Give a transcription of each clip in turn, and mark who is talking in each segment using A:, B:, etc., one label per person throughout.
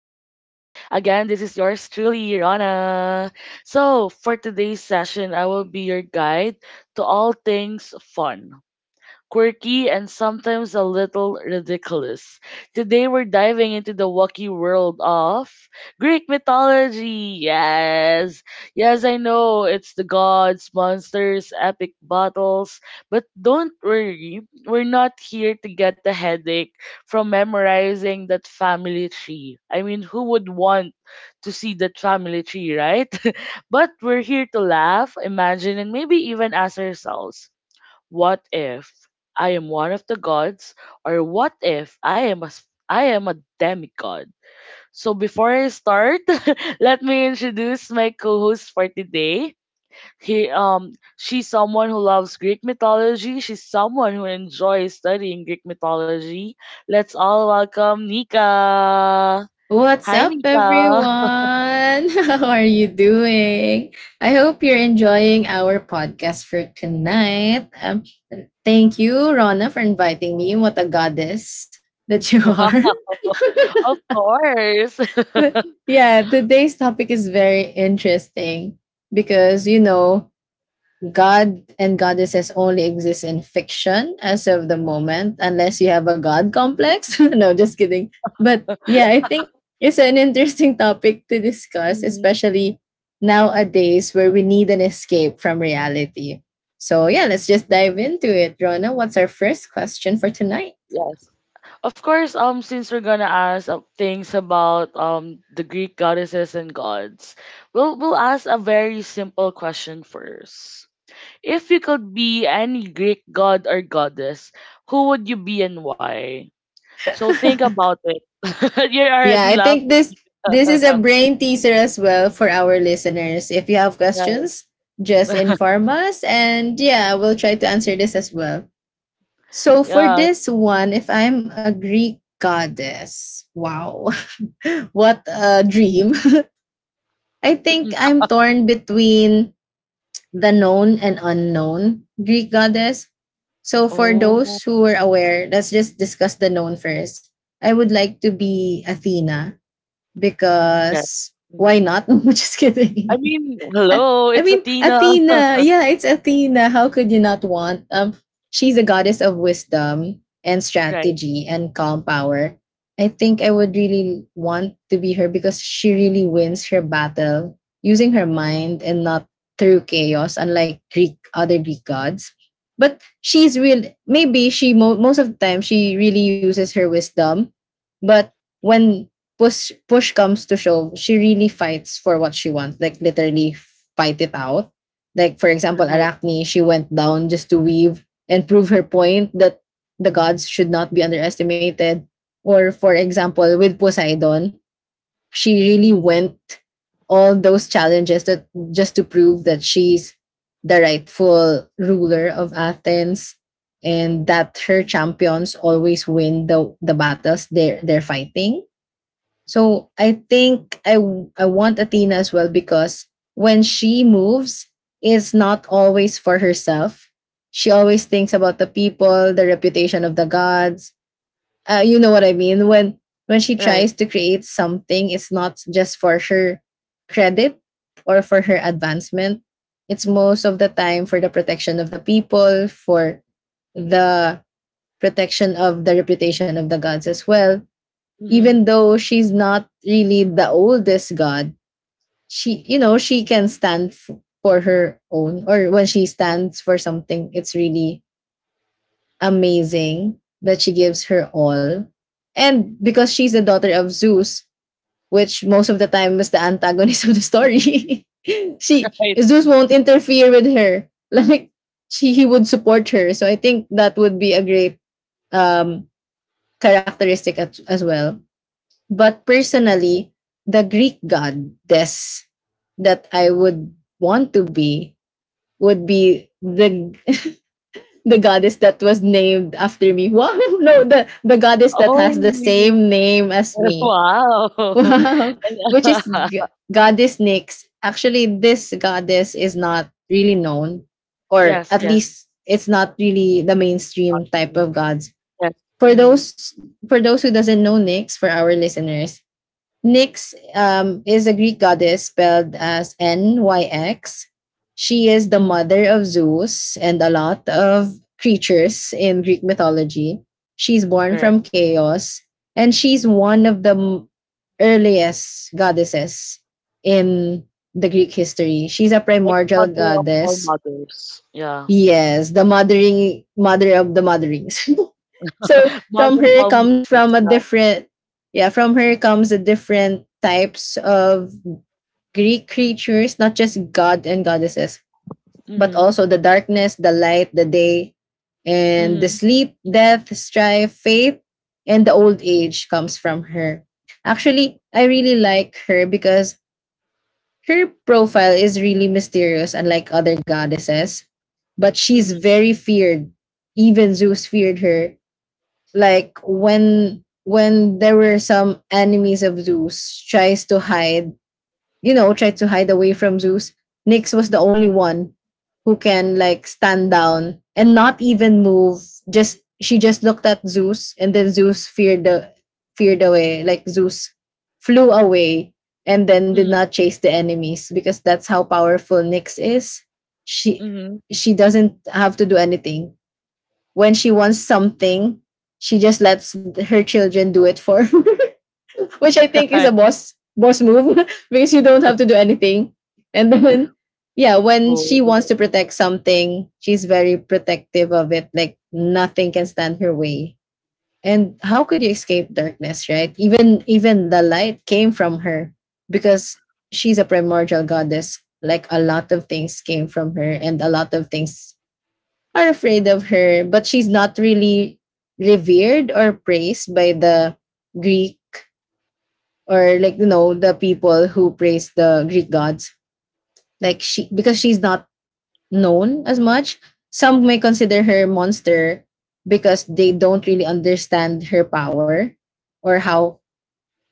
A: Again, this is yours truly, Rana. So, for today's session, I will be your guide to all things fun, quirky, and sometimes a little ridiculous. Today we're diving into the wacky world of Greek mythology. Yes. Yes, I know it's the gods, monsters, epic battles, but don't worry, we're not here to get a headache from memorizing that family tree. I mean, who would want to see that family tree, right? But we're here to laugh, imagine, and maybe even ask ourselves, what if I am one of the gods, or what if I am a demigod? So before I start, let me introduce my co-host for today. He She's someone who loves Greek mythology. She's someone who enjoys studying Greek mythology. Let's all welcome Nika.
B: What's
A: Hi
B: up, everyone?
A: Nika.
B: How are you doing? I hope you're enjoying our podcast for tonight. Thank you, Rona, for inviting me. What a goddess that you are.
A: Wow. Of course.
B: But yeah, today's topic is very interesting because God and goddesses only exist in fiction as of the moment, unless you have a god complex. No, just kidding. But yeah, I think it's an interesting topic to discuss, especially nowadays where we need an escape from reality. So yeah, let's just dive into it. Rona, what's our first question for tonight?
A: Yes. Of course, since we're gonna ask things about the Greek goddesses and gods, we'll ask a very simple question first. If you could be any Greek god or goddess, who would you be and why? So think about it. You're
B: Yeah,
A: already
B: I think
A: laughing,
B: this is a brain teaser as well for our listeners. If you have
A: guys.
B: questions, just inform us and yeah, we'll try to answer this as well. So for
A: Yeah.
B: this one,
A: Mm-hmm.
B: if I'm a Greek goddess, wow, what a dream. I think I'm torn between the known and unknown Greek goddess. So for
A: Oh,
B: those who are aware, let's just discuss the known first. I would like to be Athena
A: yeah.
B: because why
A: Mhm.
B: not? Just
A: I
B: kidding.
A: mean,
B: I,
A: hello,
B: I
A: it's
B: mean,
A: Athena.
B: Athena. Yeah, it's Athena. How could you not want? She's a goddess of wisdom and
A: Right,
B: strategy and calm power. I think I would really want to be her because she really wins her battle using her mind and not through chaos, unlike Greek other Greek gods. But she's real. Maybe she most of the time she really uses her wisdom, but when push comes to shove, she really fights for what she wants, like literally fight it out. Like for example,
A: right,
B: Arachne, she went down just to weave and prove her point that the gods should not be underestimated. Or for example, with Poseidon, she really
A: mhm,
B: went all those challenges that just to prove that she's the rightful ruler of Athens and that her champions always win the battles they're fighting. So I think I want Athena as well because when she moves, it's not always for herself. She always thinks about the people, the reputation of the gods. You know what I mean? When she
A: right,
B: tries to create something, it's not just for her credit or for her advancement. It's most of the time for the protection of the people, for the protection of the reputation of the gods as well,
A: mhm,
B: even though she's not really the oldest god. She, you know, she can for her own, or when she stands for something, it's really amazing that she gives her all. And because she's the daughter of Zeus, which most of the time is the antagonist of the story, she
A: right.
B: Zeus won't interfere with her. Like she he would support her. So I think that would be a great um characteristic as well. But personally, the Greek goddess that I would want to be would be the the goddess that was named after me. Wow, no, the goddess
A: Oh,
B: that has the
A: really?
B: same name as me.
A: Wow.
B: Wow,
A: And,
B: which is goddess Nyx. Actually, this goddess is not really known, or
A: yes,
B: at
A: yes,
B: least it's not really the mainstream type
A: mhm,
B: of gods.
A: yes.
B: For
A: Mm-hmm.
B: those for those who doesn't know Nyx, for our listeners, Nyx is a Greek goddess spelled as Nyx. She is the
A: Hmm.
B: mother of Zeus and a lot of creatures in Greek mythology. She's born
A: Correct.
B: from chaos, and she's one of the earliest goddesses in the Greek history. She's a
A: Like
B: primordial
A: mother of all
B: goddess.
A: mothers. Yeah.
B: Yes, the mothering mother of the motherings. So
A: Mother
B: from
A: of
B: her
A: all
B: comes
A: mothers.
B: from a
A: Yeah.
B: different yeah, from her comes the different types of Greek creatures, not just god and goddesses, but
A: Mm-hmm.
B: also the darkness, the light, the day, and the
A: Mm-hmm.
B: sleep, death, strife, faith, and the old age comes from her. Actually, I really like her because her profile is really mysterious, unlike other goddesses. But she's
A: Mm-hmm.
B: very feared. Even Zeus feared her, like when there were some enemies of Zeus tries to hide, you know, tried to hide away from Zeus, Nyx was the only one who can like stand down and not even move. Just She just looked at Zeus, and then Zeus feared away. Like Zeus flew away and then did
A: Mm-hmm.
B: not chase the enemies because that's how powerful Nyx is. She
A: Mm-hmm.
B: she doesn't have to do anything. When she wants something, she just lets her children do it for her, which I think is
A: Right.
B: a boss move because you don't have to do anything. And then, yeah, when
A: Oh.
B: she wants to protect something, she's very protective of it. Like nothing can stand her way. And how could you escape darkness, right? Even the light came from her because she's a primordial goddess. Like a lot of things came from her, and a lot of things are afraid of her, but she's not really revered or praised by the Greek, or like, you know, the people who praise the Greek gods. Like she, because she's not known as much. Some may consider her monster because they don't really understand her power or how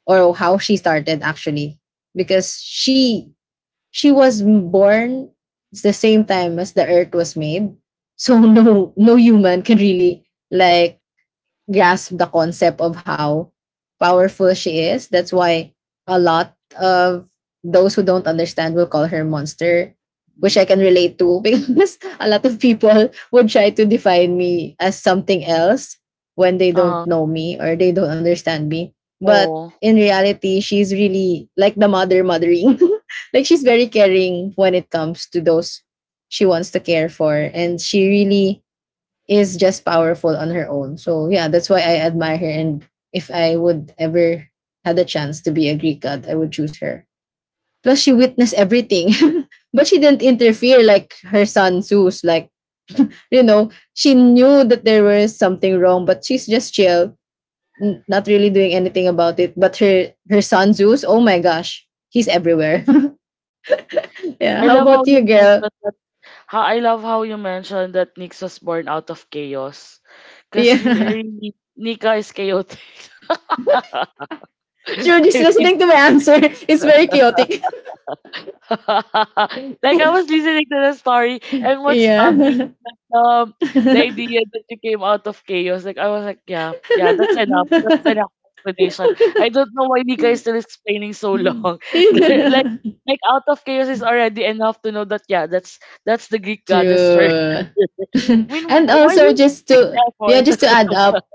B: or how she started, actually, because she was born the same time as the earth was made, so no human can really like grasp the concept of how powerful she is. That's why a lot of those who don't understand will call her monster,
A: Mhm.
B: which I can relate to because a lot of people would try to define me as something else when they
A: Uh-huh.
B: don't know me or they don't understand me. But
A: Oh.
B: in reality, she's really like the mother mothering. Like she's very caring when it comes to those she wants to care for. And she really is just powerful on her own. So yeah, that's why I admire her. And if I would ever had a chance to be a Greek god, I would choose her. Plus, she witnessed everything, but she didn't interfere like her son Zeus. Like, you know, she knew that there was something wrong, but she's just chill, not really doing anything about it. But her son Zeus, oh my gosh, he's everywhere. Yeah.
A: I
B: How
A: love how
B: about
A: you
B: you, girl?
A: mentioned that— how I love how you mentioned that Nix was born out of chaos. Because
B: Yeah.
A: really Nika is chaotic.
B: True, just
A: I mean,
B: listening to my answer is very chaotic.
A: like, I was listening to the story, and what stuck me
B: Yeah.
A: was like, the idea that you came out of chaos. Like I was like, yeah, yeah, that's enough. That's enough explanation. I don't know why Nika is still explaining so long. like like out of chaos is already enough to know that, yeah, that's the Greek goddess first.
B: True.
A: I mean,
B: And
A: why do
B: also
A: you
B: just
A: make an
B: to yeah,
A: effort?
B: just to add up,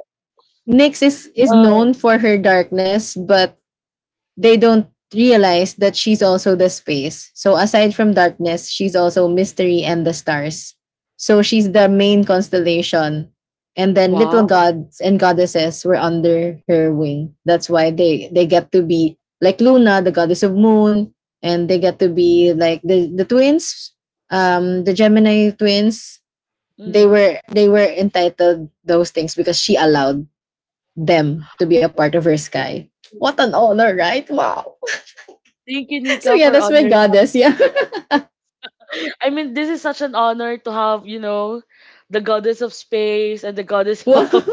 B: Nyx is
A: Uh,
B: known for her darkness, but they don't realize that she's also the space. So aside from darkness, she's also mystery and the stars. So she's the main constellation. And then little
A: wow.
B: gods and goddesses were under her wing. That's why they get to be like Luna, the goddess of moon, and they get to be like the twins, the Gemini twins.
A: Hmm.
B: They were entitled those things because she allowed them to be a part of her sky. What an honor, right? Wow,
A: Thank you,
B: so
A: Nika,
B: yeah,
A: for
B: that's my
A: honoring us.
B: goddess. Yeah.
A: I mean, this is such an honor to have, you know, the goddess of space and the goddess
B: Wow.
A: of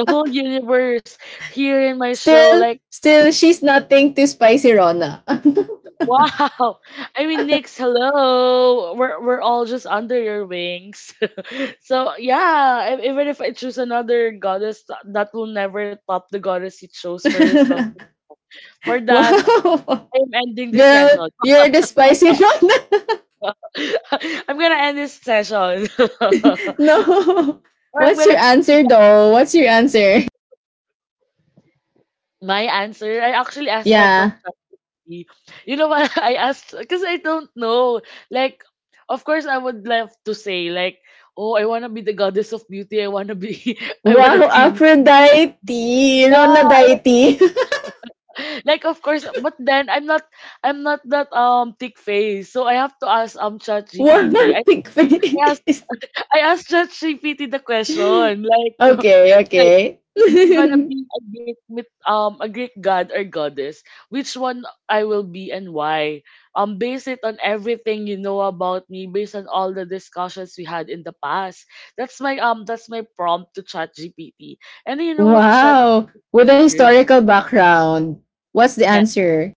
A: the whole universe here in my show.
B: Still,
A: Like,
B: still, she's nothing to spicy Rona.
A: wow. I mean, Nix, hello. We're all just under your wings. So yeah, even if I choose another goddess, that will never top the goddess you chose for yourself. For that,
B: Wow.
A: I'm ending this
B: Girl,
A: session.
B: you're the spicy Rona.
A: I'm gonna end this session,
B: No.
A: or I'm
B: What's your
A: gonna kick you.
B: answer though? What's your answer?
A: My answer, I actually asked help from—
B: Yeah.
A: be. You know what? I asked because I don't know. Like, of course, I would love to say like, oh, I wanna be the goddess of beauty. I wanna be. I wanna
B: Wow,
A: be.
B: Aphrodite,
A: Yeah,
B: Ronadite.
A: like, of course, but then I'm not. I'm not that thick face. So I have to ask ChatGPT.
B: Wow, big
A: I asked
B: face.
A: I asked ChatGPT the question, like,
B: Okay, okay.
A: I'm gonna be a Greek myth, a Greek god or goddess, which one I will be and why. Base it on everything you know about me, based on all the discussions we had in the past. That's my prompt to ChatGPT. And you know what Chat
B: Wow! With a
A: did?
B: historical background. What's the
A: Yeah,
B: answer?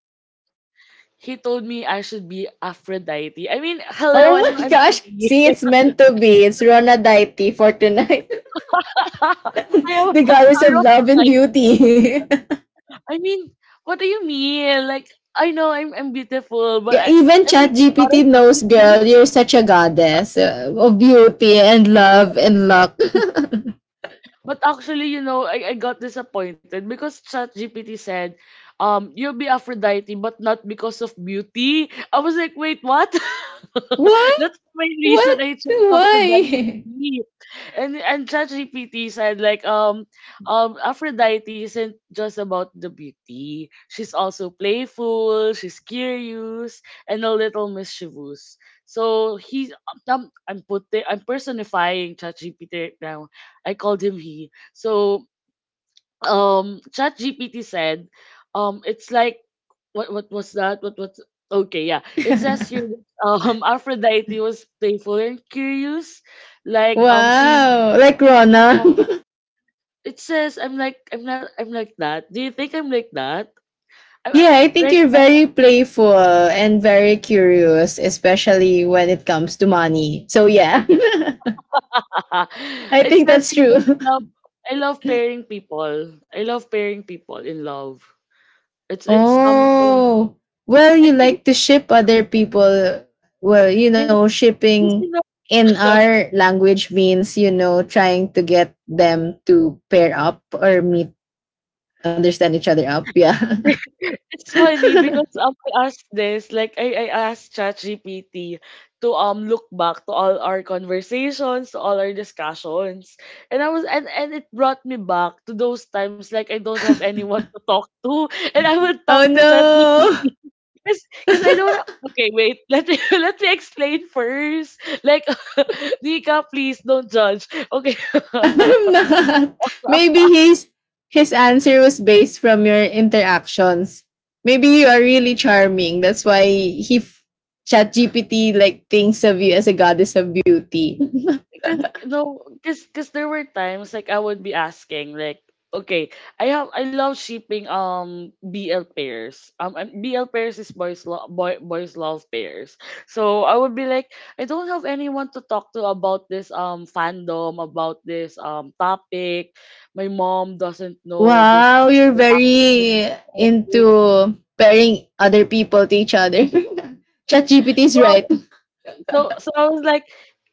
A: he told me I should be Aphrodite. I mean, hello, I
B: Oh
A: know
B: my
A: I'm
B: gosh!
A: pretty.
B: See, it's meant to be. It's Rona Daiti for tonight.
A: I am
B: The goddess of love and
A: Aphrodite.
B: beauty.
A: I mean, what do you mean? Like, I know I'm beautiful, but
B: Yeah, even
A: I mean, out of
B: ChatGPT knows, girl,
A: beauty.
B: you're such a goddess of beauty and love and luck.
A: But actually, you know, I got disappointed because ChatGPT said, you'll be Aphrodite, but not because of beauty. I was like, wait, what?
B: What?
A: That's the main reason
B: What?
A: I chose Aphrodite.
B: Why?
A: And ChatGPT said, like, um, Aphrodite isn't just about the beauty. She's also playful, she's curious, and a little mischievous. So he— I'm putting— I'm personifying ChatGPT right now. I called him he. So ChatGPT said, it's like, what was that? What Okay, yeah, it says here that, Aphrodite was playful and curious, like, she—
B: Wow! Like Rona.
A: it says I'm like— I'm not— I'm like that. Do you think I'm like that? I'm, I'm-
B: Yeah, I think
A: right
B: you're
A: now,
B: very playful and very curious, especially when it comes to money. So, yeah, I
A: it
B: think
A: says
B: that's
A: here
B: true.
A: that I love— I love pairing people. I love pairing people in love. It's something.
B: Oh, well,
A: I
B: you
A: think it,
B: like to ship other people. Well, you know,
A: it, It's
B: shipping
A: enough.
B: in our language means, you know, trying to get them to pair up or meet, understand each other up. Yeah.
A: It's funny because, I asked this, like, I asked ChatGPT to look back to all our conversations, to all our discussions. And I was and it brought me back to those times, like, I don't have anyone to talk to and I will talk
B: Oh,
A: to
B: no.
A: ChatGPT. Because I don't ha- okay, wait, let me let me explain first. Like, Nika, please don't judge. Okay.
B: I'm not. Maybe his answer was based from your interactions. Maybe you are really charming. That's why ChatGPT like thinks of you as a goddess of beauty.
A: Because no, because there were times, like, I would be asking, like, okay, I love shipping BL pairs. BL pairs is boys lo boy boys love pairs. So I would be like, I don't have anyone to talk to about this fandom, about this topic. My mom doesn't know this.
B: Wow, you're very into pairing other people to each other. ChatGPT is
A: So
B: right.
A: I So so I was like,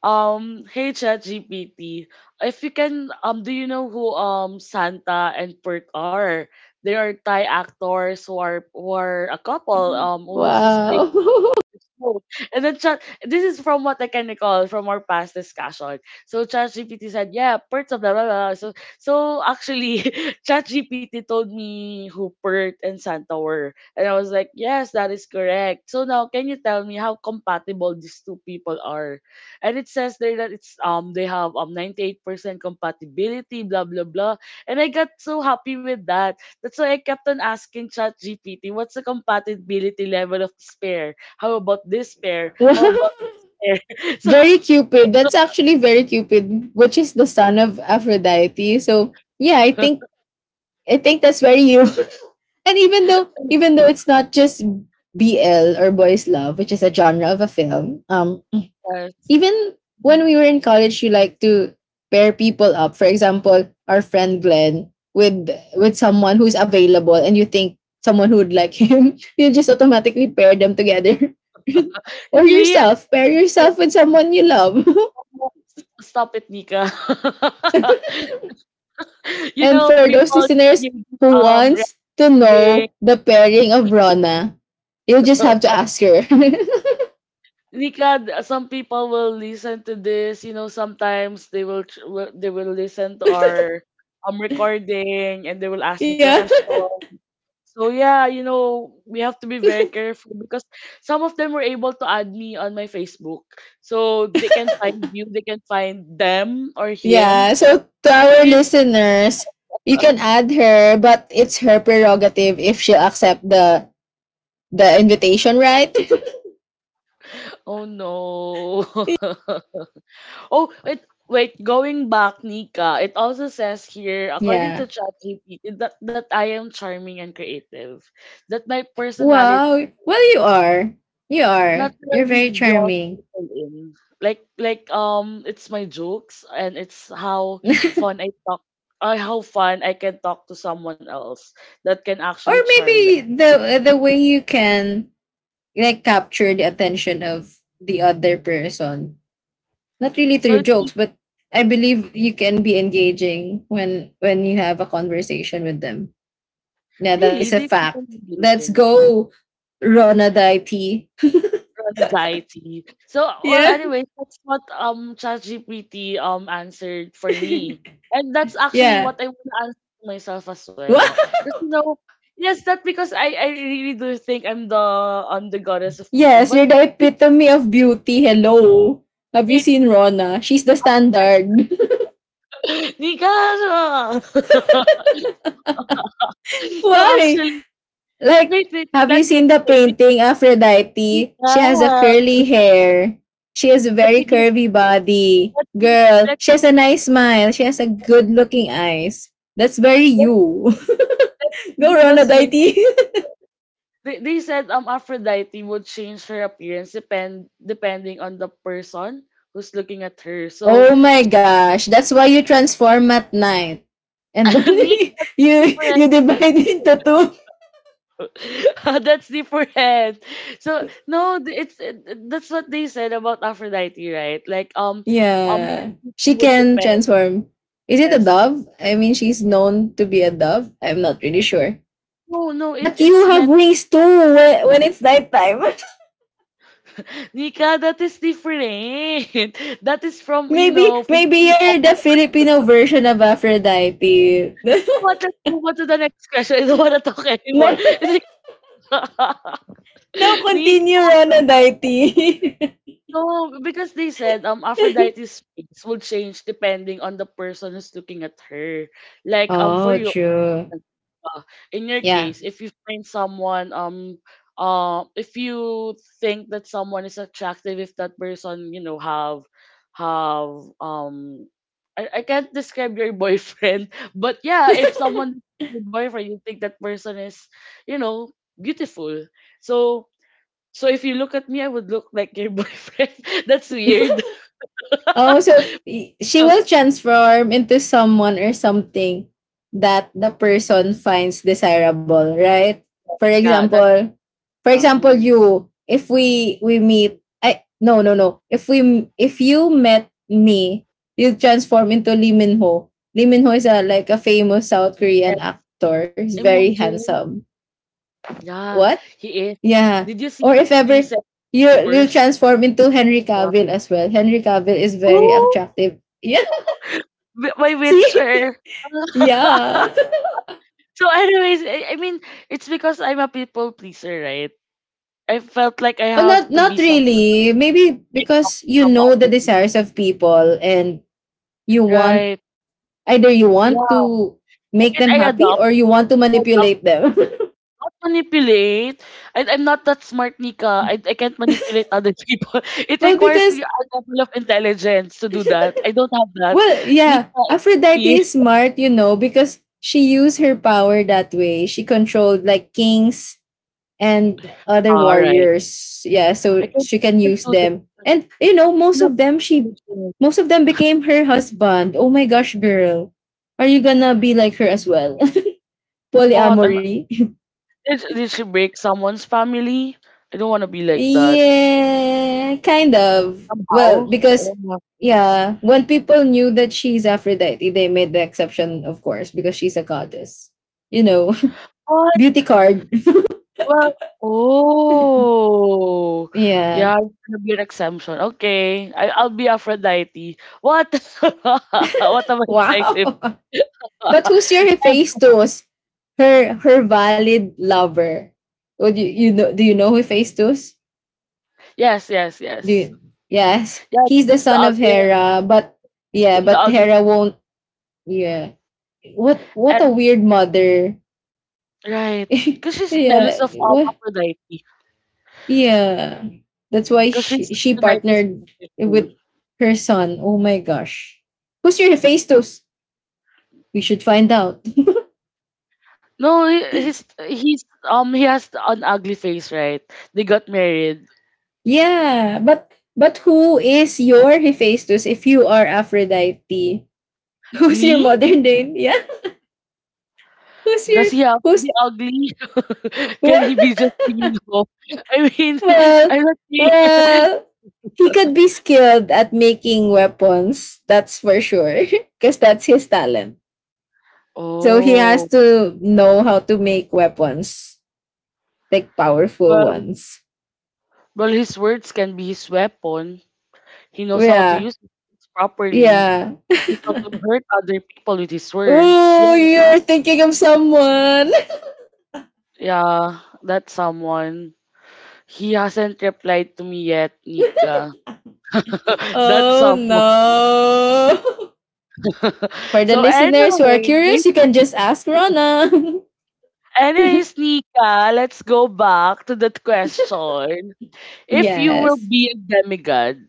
A: hey ChatGPT, if you can, do you know who Santa and Bert are? They are Thai actors who are— a couple who's— who's playing—
B: Wow.
A: no. And then Chat— this is from what I can recall from our past discussion. So ChatGPT said, yeah, Pert's of blah blah blah. So, so actually, ChatGPT told me who Pert and Santa were. And I was like, yes, that is correct. So now can you tell me how compatible these two people are? And it says there that it's they have 98% compatibility, blah blah blah. And I got so happy with that. That's why I kept on asking ChatGPT, what's the compatibility level of this pair? How about this pair? How about—
B: Wow.
A: pair? So—
B: Very Cupid. That's actually very Cupid, which is the son of Aphrodite. So yeah, I think that's very you. And even though it's not just BL or boys love, which is a genre of a film,
A: yes.
B: even when
A: Mhm.
B: we were in college, you like to pair people up. For example, our friend Glenn with someone who's available, and you think someone who would like him, you just automatically pair them together. Or
A: Really, I
B: yourself, pair yourself with
A: remember—
B: someone you love.
A: stop it, Nika. You
B: And
A: know,
B: for those
A: people
B: listeners
A: give
B: who wants to
A: recording.
B: know the pairing of Rona, you just have to ask her.
A: Nika, some people will listen to this. You know, sometimes they will they will listen to our recording and they will ask me
B: Yeah.
A: questions. So yeah, you know, we have to be very careful because some of them were able to add me on my Facebook. So they can find you, they can find them or him.
B: Yeah. So
A: So,
B: to
A: so
B: our
A: you know,
B: listeners, you can add her, but it's her prerogative if she'll accept the invitation, right?
A: oh no. Oh, wait, wait, going back, Nika, it also says here, according to
B: Yeah.
A: ChatGPT, that, I am charming and creative, that my personality
B: Wow. Well, you are. You are. You're very
A: naturally draws
B: charming.
A: people in. Like, it's my jokes and it's how
B: or
A: fun I talk— how fun I can talk to someone else that can actually charm
B: maybe
A: them.
B: the the way you can, like, capture the attention of the other person, not really
A: So
B: through
A: it's
B: jokes,
A: re-
B: but I believe you can be engaging when you have a conversation with them. Yeah, that
A: Really
B: is
A: they
B: a
A: people
B: fact. Let's
A: engaging.
B: go, Rona Daiti.
A: Anxiety. So, well,
B: Yeah.
A: anyway, that's what ChatGPT answered for me, and that's actually
B: yeah.
A: what I want to answer to myself as well.
B: What?
A: Because you know, yes, that because I really do think I'm the— I'm the goddess of beauty,
B: Yes,
A: but
B: you're the
A: it,
B: epitome of beauty. Hello. Have you
A: it
B: seen Rona? She's the standard.
A: Nika. So
B: Why?
A: actually,
B: Like,
A: wait,
B: have you
A: let me
B: seen the
A: explain.
B: painting Aphrodite?
A: Nika,
B: She has a curly hair. She has a
A: let
B: very
A: me give
B: curvy body.
A: let me
B: Girl,
A: let
B: she has a nice smile. She has a good looking eyes. That's very
A: let,
B: you.
A: let me
B: Go
A: give
B: run,
A: us—
B: Adaiti.
A: they said Aphrodite would change her appearance depending on the person who's looking at her. So
B: oh my gosh. That's why you transform at night. And
A: Nick—
B: only you
A: different.
B: you divide into two.
A: That's different. So no, that's what they said about Aphrodite, right? Like, um
B: Yeah. She
A: it would
B: can
A: depend.
B: transform. Is it a
A: Yes.
B: dove? I mean, she's known to be a dove. I'm not really sure.
A: No, no, it
B: But
A: it's
B: you have
A: meant
B: wings too when it's nighttime.
A: Nika. That is different. That is from, you
B: maybe
A: know,
B: maybe
A: from
B: you're the Filipino version of Aphrodite.
A: what? Let's move on to the next question. I don't want to talk
B: no,
A: anymore. It's like,
B: no,
A: Nick,
B: continue, Ronodite.
A: no, because they said Aphrodite's face will change depending on the person who's looking at her. Like, for
B: oh,
A: you,
B: true.
A: uh, in your
B: Yeah.
A: case, if you find someone if you think that someone is attractive, if that person, you know, have I can't describe your boyfriend, but yeah, if someone— your boyfriend— you think that person is, you know, beautiful, so, so if you look at me, I would look like your boyfriend. That's weird.
B: Oh, so y- she will transform into someone or something that the person finds desirable, right? For
A: Yeah, that's
B: example, for example,
A: mm
B: you. If we we meet, I no no no. If we if you met me, you transform into Lee Min Ho. Lee Min Ho is, a like, a famous South
A: yeah,
B: Korean actor. He's very
A: imagine.
B: handsome.
A: Yeah,
B: What?
A: he is.
B: Yeah.
A: Did you see
B: Or if
A: the
B: ever
A: recent
B: you will
A: worse?
B: transform into Henry Cavill as well. Henry Cavill is very
A: Oh,
B: attractive. Yeah.
A: my
B: See?
A: Witcher.
B: Yeah.
A: So, anyways, I mean, it's because I'm a people pleaser, right? I felt like I
B: Well, not
A: have to
B: not
A: be someone to
B: really. Maybe
A: make up
B: because
A: to
B: you
A: some
B: know the
A: other people,
B: desires of people, and you want,
A: right?
B: either you want
A: Yeah,
B: to
A: I
B: make them
A: mean, I
B: happy
A: adopt.
B: or you want to manipulate them.
A: Not manipulate. I'm not that smart, Nika. I can't manipulate other people. It
B: well,
A: requires
B: because
A: you a level of intelligence to do that. I don't have that.
B: well, yeah,
A: Nika,
B: Aphrodite
A: excuse
B: is
A: me.
B: smart, you know, because she used her power that way. She controlled, like, kings and other
A: All right.
B: warriors. Yeah, so she
A: I
B: can
A: can't
B: use
A: do that.
B: them.
A: I'm
B: And you know,
A: not intelligent.
B: most of them became her husband. Oh my gosh, girl. Are you gonna be like her as well?
A: What?
B: Polyamory?
A: Did she break someone's family? I don't want to be like that.
B: yeah, kind of. Well,
A: Somehow. I
B: because
A: don't know.
B: yeah, when people knew that she's Aphrodite, they made the exception, of course, because she's a goddess. You know, beauty
A: What?
B: card.
A: Well oh, yeah,
B: Yeah.
A: it's gonna be an exemption. Okay, I'll be Aphrodite. What? What am I trying to?
B: Wow. But who's your phase two? Her valid lover. Oh, do you, you know do you know who phase two's?
A: Yes, yes,
B: Do
A: yes.
B: you, yes.
A: Yeah,
B: He's the
A: she's the
B: son of
A: ugliest,
B: Hera, but yeah,
A: and the
B: but
A: ugly,
B: Hera won't, yeah. What a
A: and
B: weird mother.
A: right, because she's
B: yeah.
A: jealous of
B: What,
A: Aphrodite,
B: yeah. That's why
A: because
B: she,
A: she's
B: she
A: Aphrodite's
B: partnered with
A: beautiful.
B: her son. Oh my gosh. Who's your Hephaestus? We should find out.
A: No, he's he's he has an ugly face, right? They got married.
B: Yeah, but who is your Hephaestus if you are Aphrodite? Who's your
A: Me?
B: modern day? Yeah, who's your,
A: Does he have to
B: who's,
A: be ugly? Can he
B: what?
A: be just Domingo? I mean,
B: Well,
A: I'm not saying.
B: well, he could be skilled at making weapons. That's for sure, because that's his talent. So he has
A: Oh,
B: to know how to make weapons, like powerful
A: well,
B: ones.
A: well, his words can be his weapon. He knows how to
B: Yeah,
A: use it properly. He
B: yeah.
A: knows how to hurt other people with his words.
B: oh,
A: Yeah,
B: you're thinking of someone.
A: yeah, that's someone. He hasn't replied to me yet, Nika. That's
B: Oh
A: someone.
B: no. For the
A: so
B: listeners who are
A: anyway,
B: curious, you can just ask Rona.
A: anyways, Nika, let's go back to that question. If you will
B: yes.
A: be a demigod,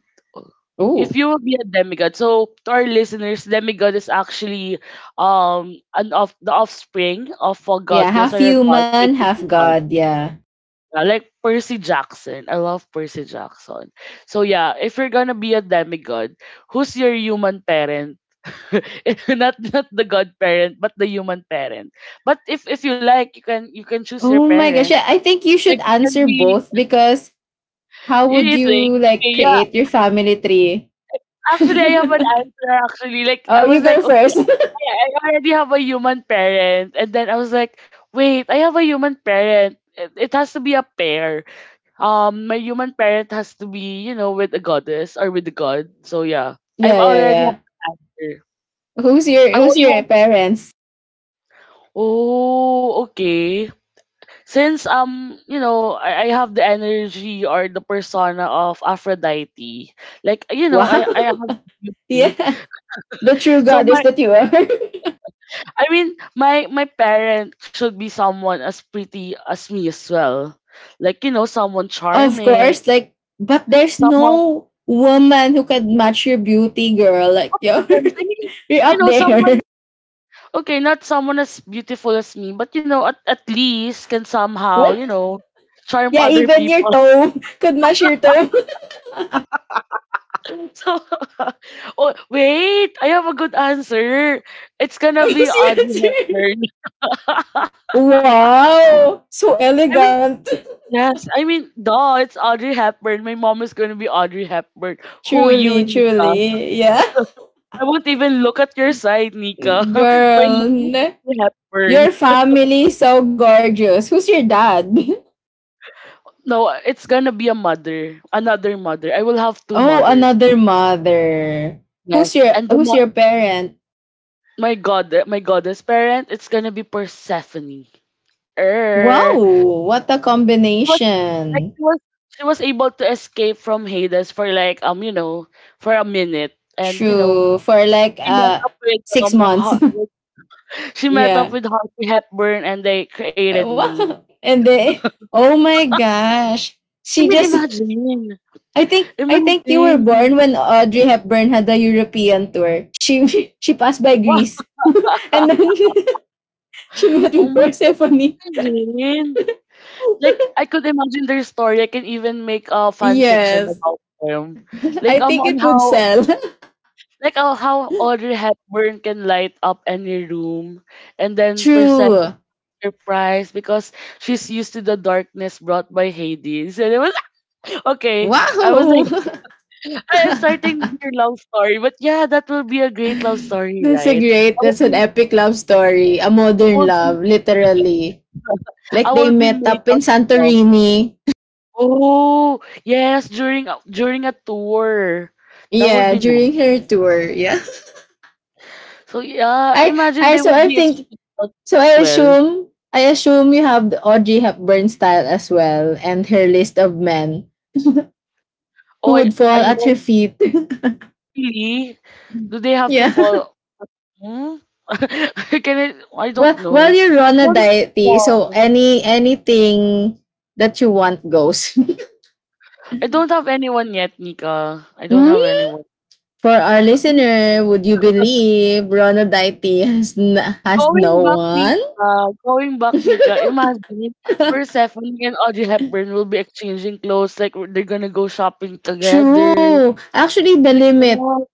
A: if
B: Oh.
A: you will be a demigod, so to our listeners, demigod is actually an of the offspring of a
B: Yeah,
A: goddess
B: half
A: or a god
B: human,
A: with
B: half
A: two sons.
B: god. Yeah.
A: Yeah, like Percy Jackson. I love Percy Jackson. So yeah, if you're gonna be a demigod, who's your human parent? Not not the godparent, but the human parent. But if you like, you can choose your
B: Oh my gosh.
A: parent.
B: Yeah, I think you should
A: Like it
B: answer
A: can be
B: both because how would
A: you
B: you,
A: think,
B: like,
A: okay, yeah,
B: create your family tree?
A: actually, I have an answer actually. Like
B: oh,
A: I
B: you
A: was
B: go
A: like, okay,
B: first.
A: I already have a human parent. And then I was like, wait, I have a human parent. It has to be a pair. My human parent has to be, you know, with a goddess or with a god. So yeah. I've
B: yeah, yeah,
A: already
B: yeah.
A: have an answer.
B: Who's your,
A: Oh,
B: who's
A: you
B: your
A: want
B: parents?
A: Oh, okay. Since you know, I have the energy or the persona of Aphrodite. Like, you know,
B: Wow.
A: I have beauty.
B: yeah. The true
A: So
B: goddess
A: my
B: that you are.
A: I mean, my parent should be someone as pretty as me as well. Like, you know, someone
B: Of
A: charming,
B: course, like, but there's
A: someone
B: no woman who can match your beauty, girl.
A: I mean,
B: You're
A: you
B: up
A: know,
B: there.
A: someone okay, not someone as beautiful as me, but you know, at least can somehow, you
B: What?
A: know, charm
B: Yeah,
A: other
B: even your
A: people.
B: toe could match your toe.
A: So oh wait, I have a good answer. It's gonna be
B: Who's
A: Audrey
B: your,
A: Hepburn.
B: wow! So
A: I mean
B: elegant.
A: yes, I mean, duh, it's Audrey Hepburn. My mom is gonna be Audrey Hepburn. Who you,
B: Truly,
A: Nika?
B: truly. Yeah.
A: I won't even look at your side, Nika. My
B: Girl,
A: mom is Hepburn.
B: your family is so gorgeous. Who's your dad?
A: No, it's gonna be a mother, another mother. I will have two
B: Oh,
A: mothers.
B: another mother.
A: Yes,
B: Who's your,
A: and the
B: who's
A: mo-
B: your parent?
A: my god, my goddess parent, it's gonna be Persephone. She
B: Wow, what a
A: was like
B: combination.
A: she was able to escape from Hades for like you know for a minute, and you know
B: True. For like
A: she met up with
B: six
A: Har-
B: months.
A: with, she met up with
B: yeah.
A: Harvey Hepburn, and they created me.
B: Wow. And they, oh my gosh.
A: I
B: She
A: mean,
B: just,
A: imagine,
B: I think you were
A: imagine.
B: born when Audrey Hepburn had a European tour. She, she passed by
A: Wow,
B: Greece and then she met
A: oh
B: with
A: my God,
B: Persephone.
A: imagine. Like, I could imagine their story. I can even make a fan fiction
B: yes.
A: about them. Like,
B: I think
A: on
B: it would
A: how,
B: sell.
A: like, how Audrey Hepburn can light up any room. And then
B: True.
A: Persephone surprise because she's used to the darkness brought by Hades. And it was, okay, I was
B: Wow.
A: like, I am starting your love story. But yeah, that will be a great love story,
B: That's a
A: right?
B: great,
A: I will
B: that's an
A: be,
B: epic love story. A
A: I
B: modern
A: will be,
B: love, literally.
A: I
B: Like they
A: will be
B: met
A: made
B: up in
A: out of love.
B: Santorini.
A: Oh, yes, during a during a tour. That would
B: Yeah,
A: be nice.
B: during her tour. Yeah.
A: So yeah,
B: I
A: imagine
B: I
A: they
B: so
A: would
B: I
A: be
B: think,
A: experiencing
B: so
A: as
B: I
A: well.
B: assume, I assume you have the Audrey Hepburn style as well, and her list of men
A: Oh,
B: who would fall
A: I
B: at
A: hope
B: her feet.
A: really. Do they have to
B: yeah.
A: fall? Hmm? Can I? I don't
B: Well,
A: know.
B: you're
A: I
B: on a
A: don't have
B: diet,
A: a
B: so
A: fall.
B: any, anything that you want goes.
A: I don't have anyone yet, Nika. I don't
B: Mm.
A: have anyone.
B: For our
A: Hmm,
B: listener, would you believe Ronaldite has, has no
A: going back,
B: one?
A: Nika. Going back, Nika. Imagine Persephone and Audrey Hepburn will be exchanging clothes like they're gonna go shopping together.
B: True. Actually, the
A: Like,
B: limit,
A: oh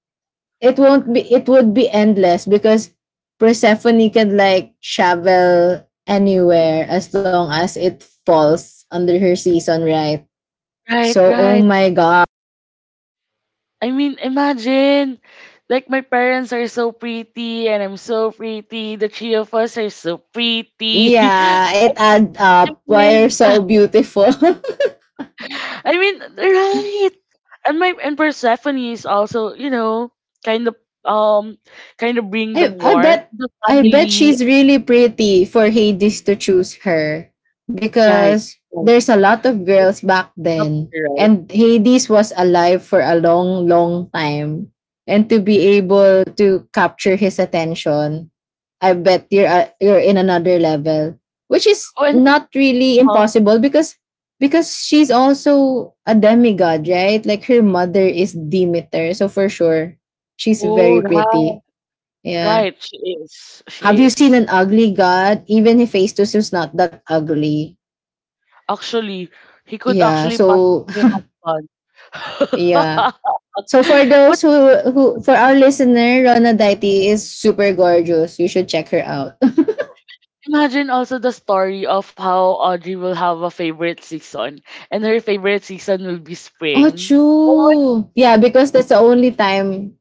B: it won't be, it would be endless because Persephone can, like, travel anywhere as long as it falls under her season, right?
A: right,
B: So, oh
A: right.
B: my God.
A: I mean, imagine, like, my parents are so pretty and I'm so pretty. The three of us are so pretty.
B: Yeah, it adds
A: I
B: up. Why
A: mean,
B: are so beautiful?
A: I mean, right. And Persephone is also, you know, kind of um, kind of bring the
B: I
A: warmth,
B: bet,
A: to the
B: I bet
A: family,
B: she's really pretty for Hades to choose her
A: right?
B: because
A: Right.
B: there's a lot of girls back then
A: Right.
B: and Hades was alive for a long long time, and to be able to capture his attention, I bet you're in another level, which is
A: Oh, and,
B: not really
A: oh,
B: impossible because she's also a demigod, right? Like her mother is Demeter, so for sure she's
A: oh,
B: very
A: right,
B: pretty. Yeah.
A: right. She is, she
B: Have you seen
A: is.
B: an ugly god? Even if Festus is not that ugly.
A: Actually, he could
B: Yeah.
A: actually
B: So
A: possibly have fun.
B: yeah. So for
A: But
B: those who, for our listener, Rona Daiti is super gorgeous. You should check her out.
A: imagine also the story of how Audrey will have a favorite season, and her favorite season will be
B: oh
A: spring. Oh
B: true. Yeah, because that's the only time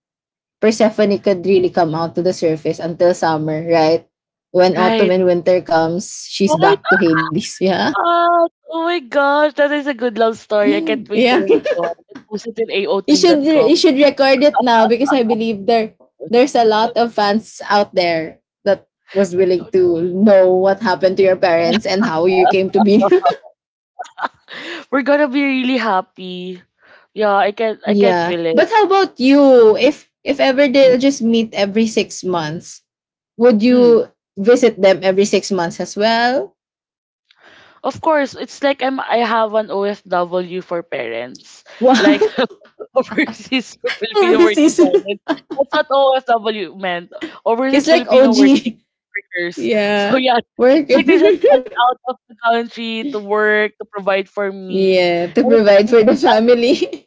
B: Persephone could really come out to the surface until summer, right? When
A: my,
B: autumn
A: right.
B: and winter comes,
A: Oh
B: she's
A: my
B: back to Hades. Yeah.
A: God. Oh my gosh, that is a good love story. I can't wait to
B: yeah.
A: read one. Post it in
B: you should,
A: AO3.com.
B: you should record it now because I believe there, there's a lot of fans out there that was willing to know what happened to your parents and how you came to be.
A: We're gonna be really happy. Yeah, I can
B: yeah.
A: feel it.
B: But how about you? If ever they'll just meet every 6 months, would
A: Mm.
B: you visit them every 6 months as well?
A: Of course, it's like I have an OFW for parents. Like
B: Wow.
A: overseas Filipino working
B: Overseas.
A: parents. That's what OFW meant.
B: It's
A: Overseas
B: like
A: Filipino working
B: OG.
A: workers. So
B: Yeah.
A: yeah,
B: Work.
A: it's like they just went out of the country to work, to provide for me.
B: yeah. To
A: And of
B: provide
A: course,
B: for the family.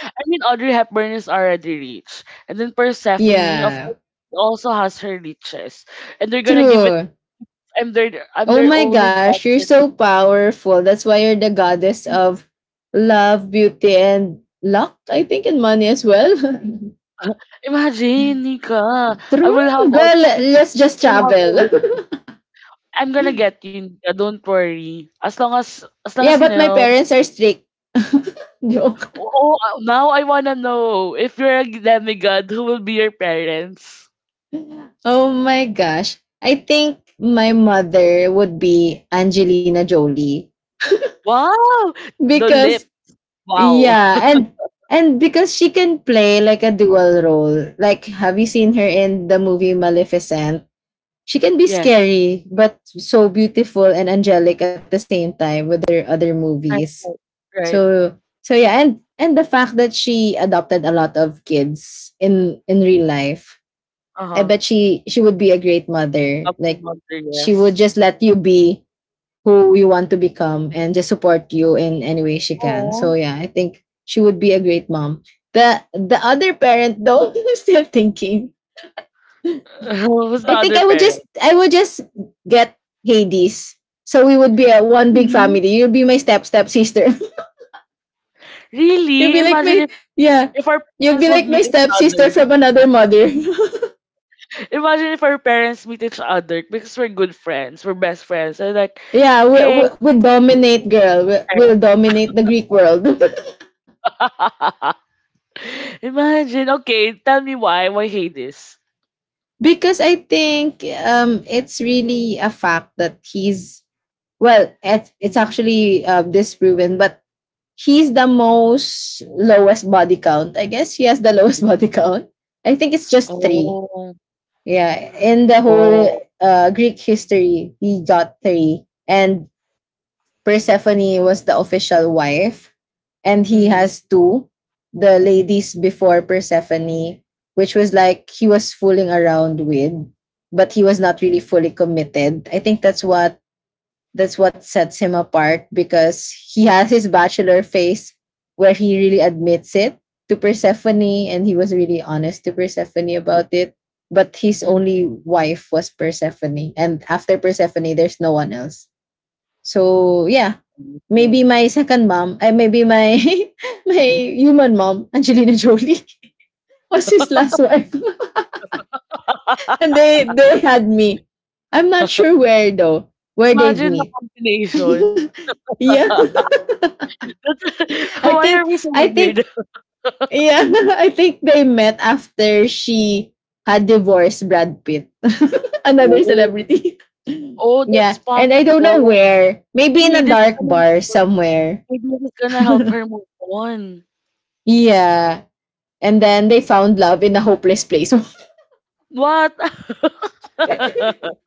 A: I mean Audrey Hepburn is already rich. And then Persephone, of
B: yeah.
A: course, also has her riches. And they're gonna give it
B: True.
A: I'm
B: Oh
A: their
B: my
A: only
B: gosh,
A: daughter.
B: you're so powerful. That's why you're the goddess of love, beauty, and luck, I think, and money as well.
A: Imagine, Nika. I
B: True.
A: will have all
B: Girl,
A: the things.
B: let's just
A: I will have
B: travel.
A: everything. I'm gonna get you, Nika. Don't worry. As long as
B: yeah,
A: you
B: but my
A: know.
B: parents are strict. Joke.
A: Oh, oh, now I wanna know if you're a demigod, who will be your parents?
B: Oh my gosh. I think my mother would be Angelina Jolie
A: Wow, the
B: because
A: lip. Wow.
B: yeah, and because she can play like a dual role. Like have you seen her in the movie Maleficent? She can be
A: Yes.
B: scary but so beautiful and angelic at the same time with her other
A: Right.
B: movies.
A: Right. Right.
B: So so yeah, and the fact that she adopted a lot of kids in real life.
A: Uh
B: I
A: huh.
B: bet she would be a great mother.
A: Couple
B: Like
A: monster.
B: she would
A: Yes.
B: just let you be who you want to become and just support you in any way she can. So
A: Oh.
B: yeah, I think she would be a great mom. The other parent though, I'm still thinking.
A: Who's the
B: I think
A: other
B: I would
A: parent?
B: just I would just get Hades. So we would be a one big
A: Really?
B: family. You'll be my step sister. You'll
A: Really?
B: be like
A: Imagine
B: my
A: if
B: Yeah.
A: our
B: You'll
A: parents
B: be
A: would
B: like my
A: meet each
B: step sister
A: other.
B: from another mother.
A: Imagine if our parents meet each other because we're good friends, we're best friends. And like,
B: yeah,
A: hey,
B: we dominate, girl. We'll dominate the Greek world
A: imagine. Okay, tell me why. Why hate this?
B: because I think it's really a fact that he's, well, It it's actually disproven, but he's the most lowest body count. I guess he has the lowest body count. I think it's just three.
A: Oh,
B: Yeah, in the whole
A: oh.
B: Greek history, he got three, and Persephone was the official wife, and he
A: Mm-hmm.
B: has two. The ladies before Persephone, which was like he was fooling around with, but he was not really fully committed. I think that's what, that's what sets him apart because he has his bachelor face where he really admits it to Persephone, and he was really honest to Persephone about it. But his only
A: Mm-hmm.
B: wife was Persephone. And after Persephone, there's no one else. So yeah, maybe my second mom, maybe my, my human mom, Angelina Jolie, was his last wife. and they had me. I'm not sure where though, where they'd
A: Imagine the
B: meet.
A: combination.
B: yeah. I
A: Why
B: think
A: are we so
B: I think
A: weird?
B: yeah, I think they met after she had divorced Brad Pitt, another
A: Oh,
B: celebrity.
A: oh, that's
B: Yeah, and I don't know
A: possible.
B: where. Maybe in
A: Maybe
B: a
A: this is
B: dark
A: gonna,
B: bar somewhere.
A: maybe this is gonna help her move on.
B: yeah, and then they found love in a hopeless place.
A: What?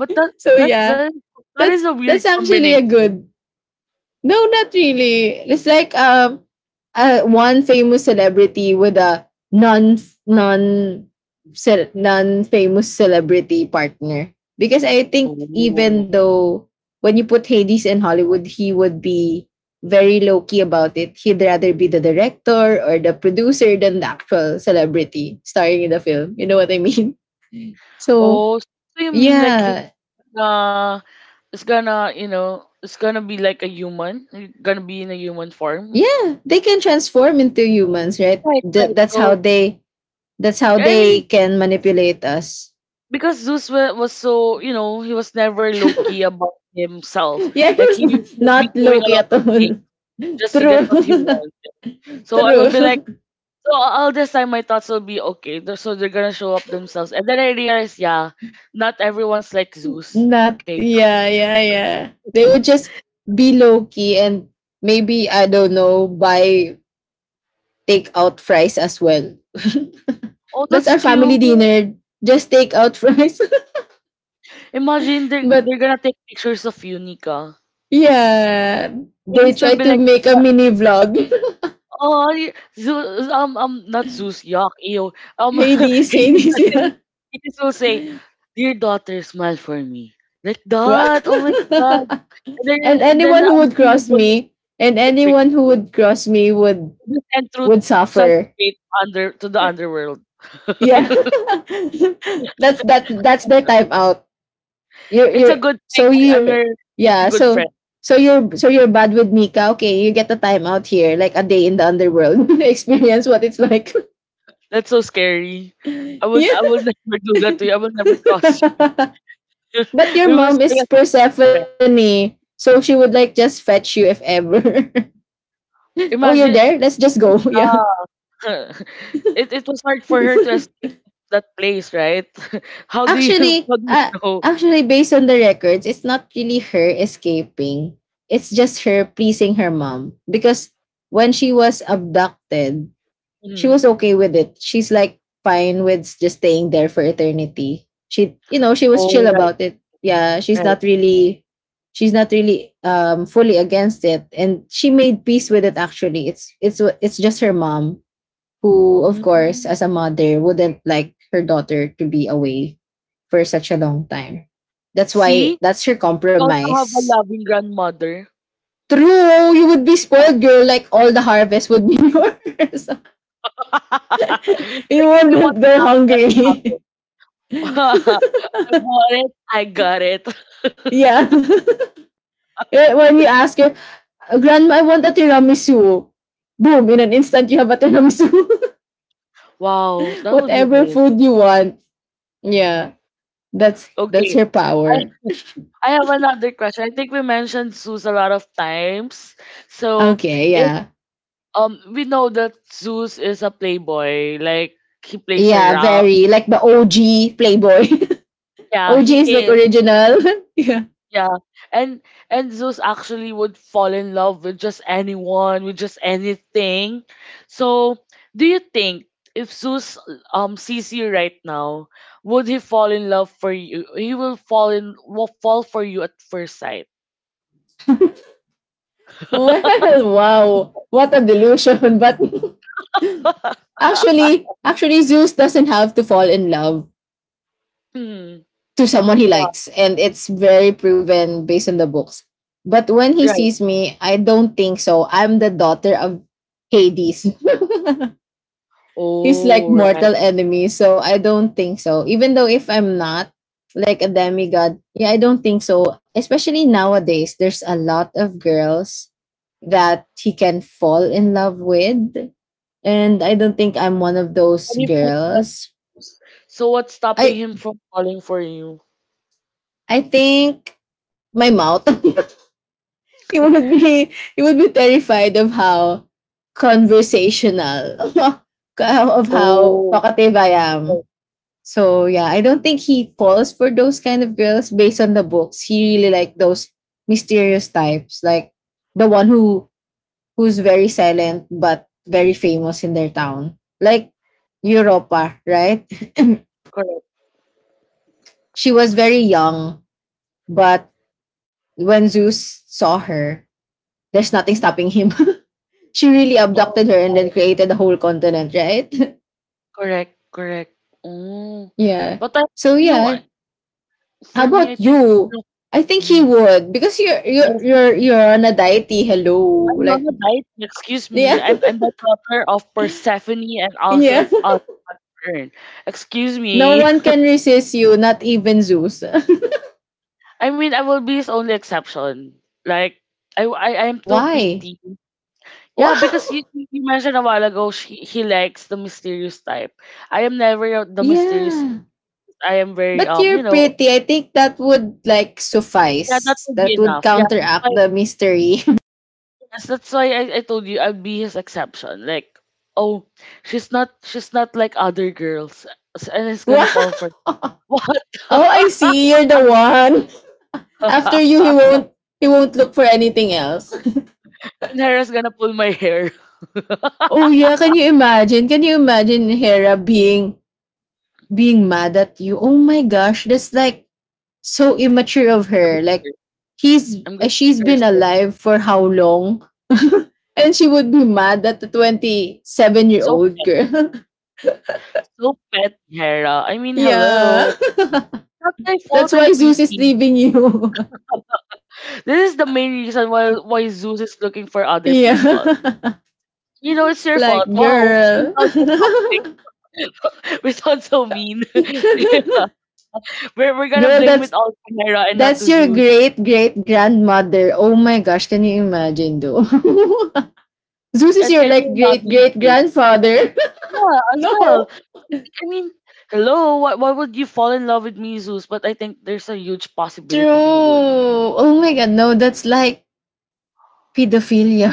A: But that
B: so
A: that
B: yeah,
A: that that is
B: that's
A: a weird
B: that's actually a
A: combination.
B: good, no, not really. It's like one famous celebrity with a non non non famous celebrity partner. Because I think
A: Oh.
B: even though when you put Hades in Hollywood, he would be very low key about it. He'd rather be the director or the producer than the actual celebrity starring in the film. You know what I mean? So
A: Oh, so you mean like he's
B: yeah,
A: gonna it's gonna, you know, it's gonna be like a human, it's gonna be in a human form.
B: yeah, they can transform into humans, right?
A: Right, right.
B: That's how
A: So
B: they, that's how
A: I
B: they
A: mean,
B: can manipulate us.
A: because Zeus wa- was so, you know, he was never low key about himself.
B: Yeah, he
A: Like he
B: was
A: would be
B: not
A: doing a
B: Loki
A: lot
B: at
A: of things
B: all.
A: just to get what he
B: True.
A: wanted. So I would be like
B: True.
A: so all this time my thoughts will be okay. they're- So they're gonna show up themselves, and then I realized, yeah, not everyone's like Zeus.
B: Not,
A: Okay.
B: yeah, yeah, yeah. They would just be Loki and maybe, I don't know, buy take out fries as well.
A: Oh,
B: That's
A: that's
B: our family
A: cute.
B: dinner. Just take out fries.
A: Imagine they're
B: But
A: gonna take pictures of you, Nika.
B: yeah,
A: Like,
B: they
A: this will
B: try
A: be
B: to
A: like,
B: make a
A: yeah,
B: mini vlog.
A: oh, y- Zeus, not Zeus, yuck, ew. Um,
B: Hades,
A: Hades will
B: Hades,
A: say,
B: yeah.
A: Hades will say, dear daughter, smile for me. Like
B: Wow.
A: that. Oh my god. And then,
B: And
A: and
B: anyone
A: then
B: who
A: I'm
B: would
A: seeing
B: cross me, and
A: your picture.
B: anyone who would cross me
A: And through
B: would
A: such
B: suffer.
A: fate under to the underworld.
B: Yeah. That's their time out.
A: It's a
B: You're
A: good thing.
B: so you're yeah,
A: Your good
B: so
A: friend.
B: so you're bad with Nika. Okay, you get a time out here, like a day in the underworld. Experience what it's like.
A: That's so scary.
B: Yeah.
A: I will never do that to you. I will never cross you.
B: But your
A: We will
B: mom
A: stay
B: is
A: as friends.
B: Persephone, so she would like just fetch you if ever. Oh, you're
A: Imagine
B: there? Let's just go. Yeah.
A: ah it was hard for her to escape that place, right? how do you
B: Actually,
A: how do you
B: uh,
A: know?
B: actually based on the records, it's not really her escaping. It's just her pleasing her mom because when she was abducted, she
A: Mhm.
B: was okay with it. She's like fine with just staying there for eternity. She was chill
A: Oh right,
B: about it. Yeah, she's
A: right.
B: not really she's not really um fully against it, and she made peace with it actually. It's just her mom who, of course,
A: Mhm.
B: as a mother, wouldn't like her daughter to be away for such a long time. That's
A: See?
B: why
A: You
B: that's her
A: also have a
B: compromise.
A: loving grandmother.
B: True, you would be spoiled, girl. Like all the harvest would be yours. You
A: Like if I want
B: wouldn't
A: an
B: go
A: apple, I
B: hungry.
A: will have it. I want it, I got it.
B: Yeah. When you ask her, Grandma, I want a tiramisu. Boom, in an instant you have a tiramisu.
A: Wow, that would be
B: Whatever food
A: amazing.
B: you want. Yeah. That's
A: Okay.
B: her
A: I
B: power.
A: I have another question. I think we mentioned zoos a lot of times. So
B: Okay,
A: if
B: yeah.
A: we know that Zeus is a playboy, like he plays
B: Yeah,
A: around.
B: very like the OG Playboy.
A: Yeah, he
B: OG is like
A: is.
B: original. Yeah.
A: Yeah, and and Zeus actually would fall in love with just anyone, with just anything. So, do you think if Zeus sees you right now, would he fall in love for you? He will fall in will fall for you at first sight.
B: Well, wow. What a delusion. But actually, actually Zeus doesn't have to fall in love
A: Hmm.
B: to someone he
A: but-
B: likes, and it's very proven based on the books. But when he
A: Right.
B: sees me, I don't think so. I'm the daughter of Hades. He's like
A: Oh, right.
B: mortal enemy. So I don't think so. Even though if I'm not like a demigod, yeah, I don't think so. Especially nowadays, there's a lot of girls that he can fall in love with, and I don't think I'm one of those
A: And if he loves,
B: girls.
A: so what's
B: I
A: stopping him from falling for you?
B: I think my mouth. it would be it would be terrified of how conversational, of how
A: Oh,
B: talkative I am.
A: correct.
B: So yeah, I don't think he falls for those kind of girls based on the books. He really like those mysterious types, like the one who's very silent but very famous in their town. Like Europa, right?
A: Correct.
B: She was very young, but when Zeus saw her, there's nothing stopping him. She really
A: Oh,
B: abducted her and then
A: right.
B: created a whole continent, right?
A: Correct, correct. Oh,
B: Yeah.
A: but I,
B: So
A: you know,
B: yeah.
A: I-
B: How
A: for me, I
B: about
A: think it's
B: you?
A: not
B: I
A: for
B: think he
A: me.
B: would because you're you're
A: Yes,
B: you're
A: I
B: you're on a deity. Hello,
A: am on
B: like
A: a diet. Excuse me,
B: yeah,
A: I'm the daughter of Persephone and also
B: yeah.
A: of Saturn. Excuse
B: No
A: me.
B: one can resist you, not even Zeus.
A: I mean, I will be his only exception. Like, I am too
B: Why?
A: pretty. Yeah, because
B: Wow.
A: you mentioned a while ago, she he likes the mysterious type. I am never the mysterious.
B: Yeah.
A: I am very
B: But you're
A: you know,
B: pretty. I think that would like
A: yeah, that
B: suffice.
A: would be
B: That would
A: enough. Yeah,
B: counteract the mystery.
A: yes, that's why I told you I'll be his exception. Like, oh, she's not like other girls, S- and he's
B: Wow.
A: gonna fall for
B: Oh,
A: what?
B: I see. You're the one. After you, he won't look for anything else.
A: And Hera's gonna pull my hair.
B: Oh
A: I'm
B: yeah, can you imagine? Can you imagine Hera being mad at you. Oh my gosh, that's like so immature of
A: gonna be
B: her.
A: her.
B: Like he's
A: I'm gonna be
B: she's
A: her. It's
B: been
A: like,
B: alive for how long? And she would be mad at the 27-year-old year
A: so
B: old
A: pet,
B: girl.
A: so pet, Hera. I mean, hello.
B: Yeah.
A: Not my
B: That's
A: fault. I'm
B: why Zeus is
A: pretty.
B: leaving you.
A: This is the main reason why Zeus is looking for other people.
B: Yeah.
A: You know, it's your
B: Like
A: fault. Wow, we
B: girl.
A: sound so toxic. We sound so mean. We're gonna
B: Girl,
A: blame it
B: that's
A: all to Panera and not to
B: that's your
A: Zeus.
B: great great grandmother. Oh my gosh, can you imagine though? Zeus is
A: And
B: your
A: can you
B: like great
A: imagine
B: great
A: Zeus?
B: grandfather.
A: Yeah, as well.
B: No.
A: I mean, Hello, why would you fall in love with me, Zeus? But I think there's a huge
B: True.
A: possibility he would.
B: Oh my god, no, that's like pedophilia.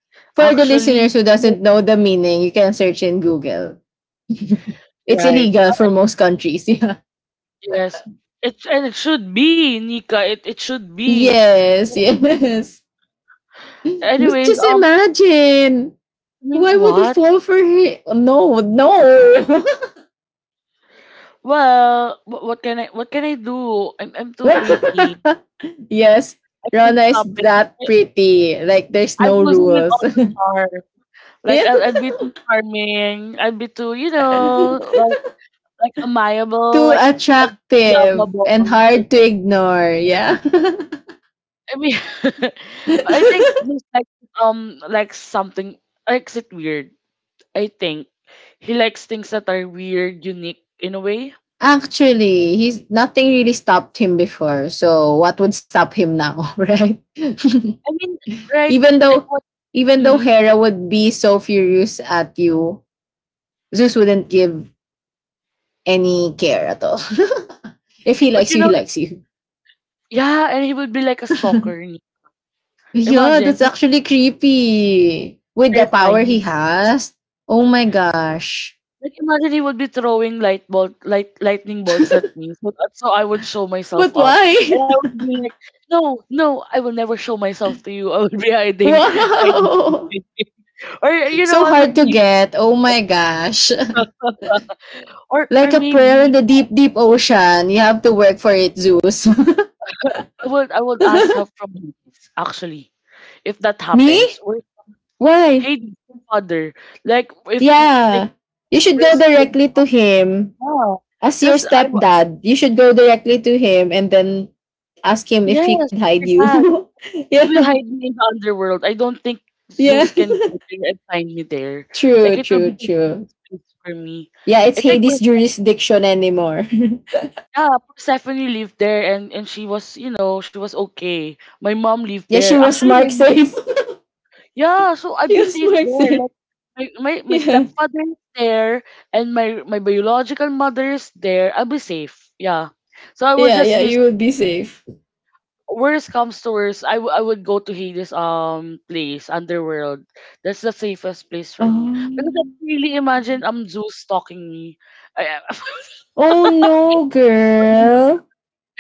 B: For the listeners
A: Actually,
B: who
A: yes,
B: doesn't know the meaning, you can search in Google. It's
A: right.
B: illegal for most countries.
A: Yes. And it should be, Nika. It should be.
B: Yeah. Yes, yes. But
A: Anyways,
B: just imagine. Why would he
A: what?
B: fall for him? No, no.
A: Well, what can I do? I'm too pretty.
B: Yes,
A: I can't
B: Rana is
A: stop it. I,
B: that pretty. Like there's
A: I'm
B: no
A: losing it
B: rules.
A: all the charm. Like
B: Yeah.
A: I'll be too charming. I would be too, like amiable,
B: Too
A: like uh,
B: attractive and
A: lovable.
B: hard to ignore. Yeah.
A: I mean, I think he's like something likes it weird. I think he likes things that are weird, unique in a way.
B: Actually, he's nothing really stopped him before. So what would stop him now, right?
A: I mean, right?
B: even
A: Like
B: though
A: what?
B: even though
A: Mm,
B: Hera would be so furious at you, Zeus wouldn't give any care at all. If he
A: but
B: likes
A: you
B: you, he
A: know,
B: likes you.
A: yeah, and he would be like a stalker.
B: Yeah,
A: Imagine,
B: that's
A: he's
B: actually creepy. With the power
A: terrifying.
B: he has. Oh my gosh.
A: Like imagine he would be throwing lightning bolts at me, so so I would show myself
B: But
A: up, and
B: why?
A: I would be like, "No, no, I will never show myself to you. I would be hiding, hiding."
B: Wow!
A: Or you know,
B: So
A: I
B: hard
A: would
B: to
A: be,
B: get. Oh my gosh. Like
A: or
B: a pearl in
A: maybe
B: the deep, deep ocean. You have to work for it, Zeus.
A: I would ask help from Hades. Actually, if that happens,
B: Me?
A: or
B: Why?
A: Hades, your father, like if
B: Yeah.
A: things
B: You should go
A: first,
B: directly to him.
A: yeah,
B: As your
A: because I wa-
B: stepdad, you should go directly to him and then ask him if he
A: yes,
B: can
A: your
B: hide you.
A: dad will
B: Yeah.
A: hide me in the underworld. I don't think
B: Yeah.
A: Zeus can go there and find me there. Like
B: True,
A: it will
B: true,
A: be the
B: true.
A: safest place for me.
B: Yeah, it's
A: I think
B: Hades'
A: Perse-
B: jurisdiction anymore.
A: yeah, Persephone lived there and she was you know she was okay. My mom lived
B: Yeah, she
A: there.
B: was
A: Actually, my
B: mark
A: mom
B: safe.
A: yeah. So I'd
B: She
A: be
B: was
A: safe
B: mark
A: there.
B: safe.
A: Like my
B: Yeah.
A: stepfather is there and my biological mother is there. I'll be safe. Yeah. So I will
B: Yeah,
A: just
B: yeah,
A: use
B: you would be safe.
A: worst comes to worst, I would go to Hades place, underworld. That's the safest place for me. Because I
B: Oh.
A: can really imagine Zeus stalking me. I,
B: Oh no, girl.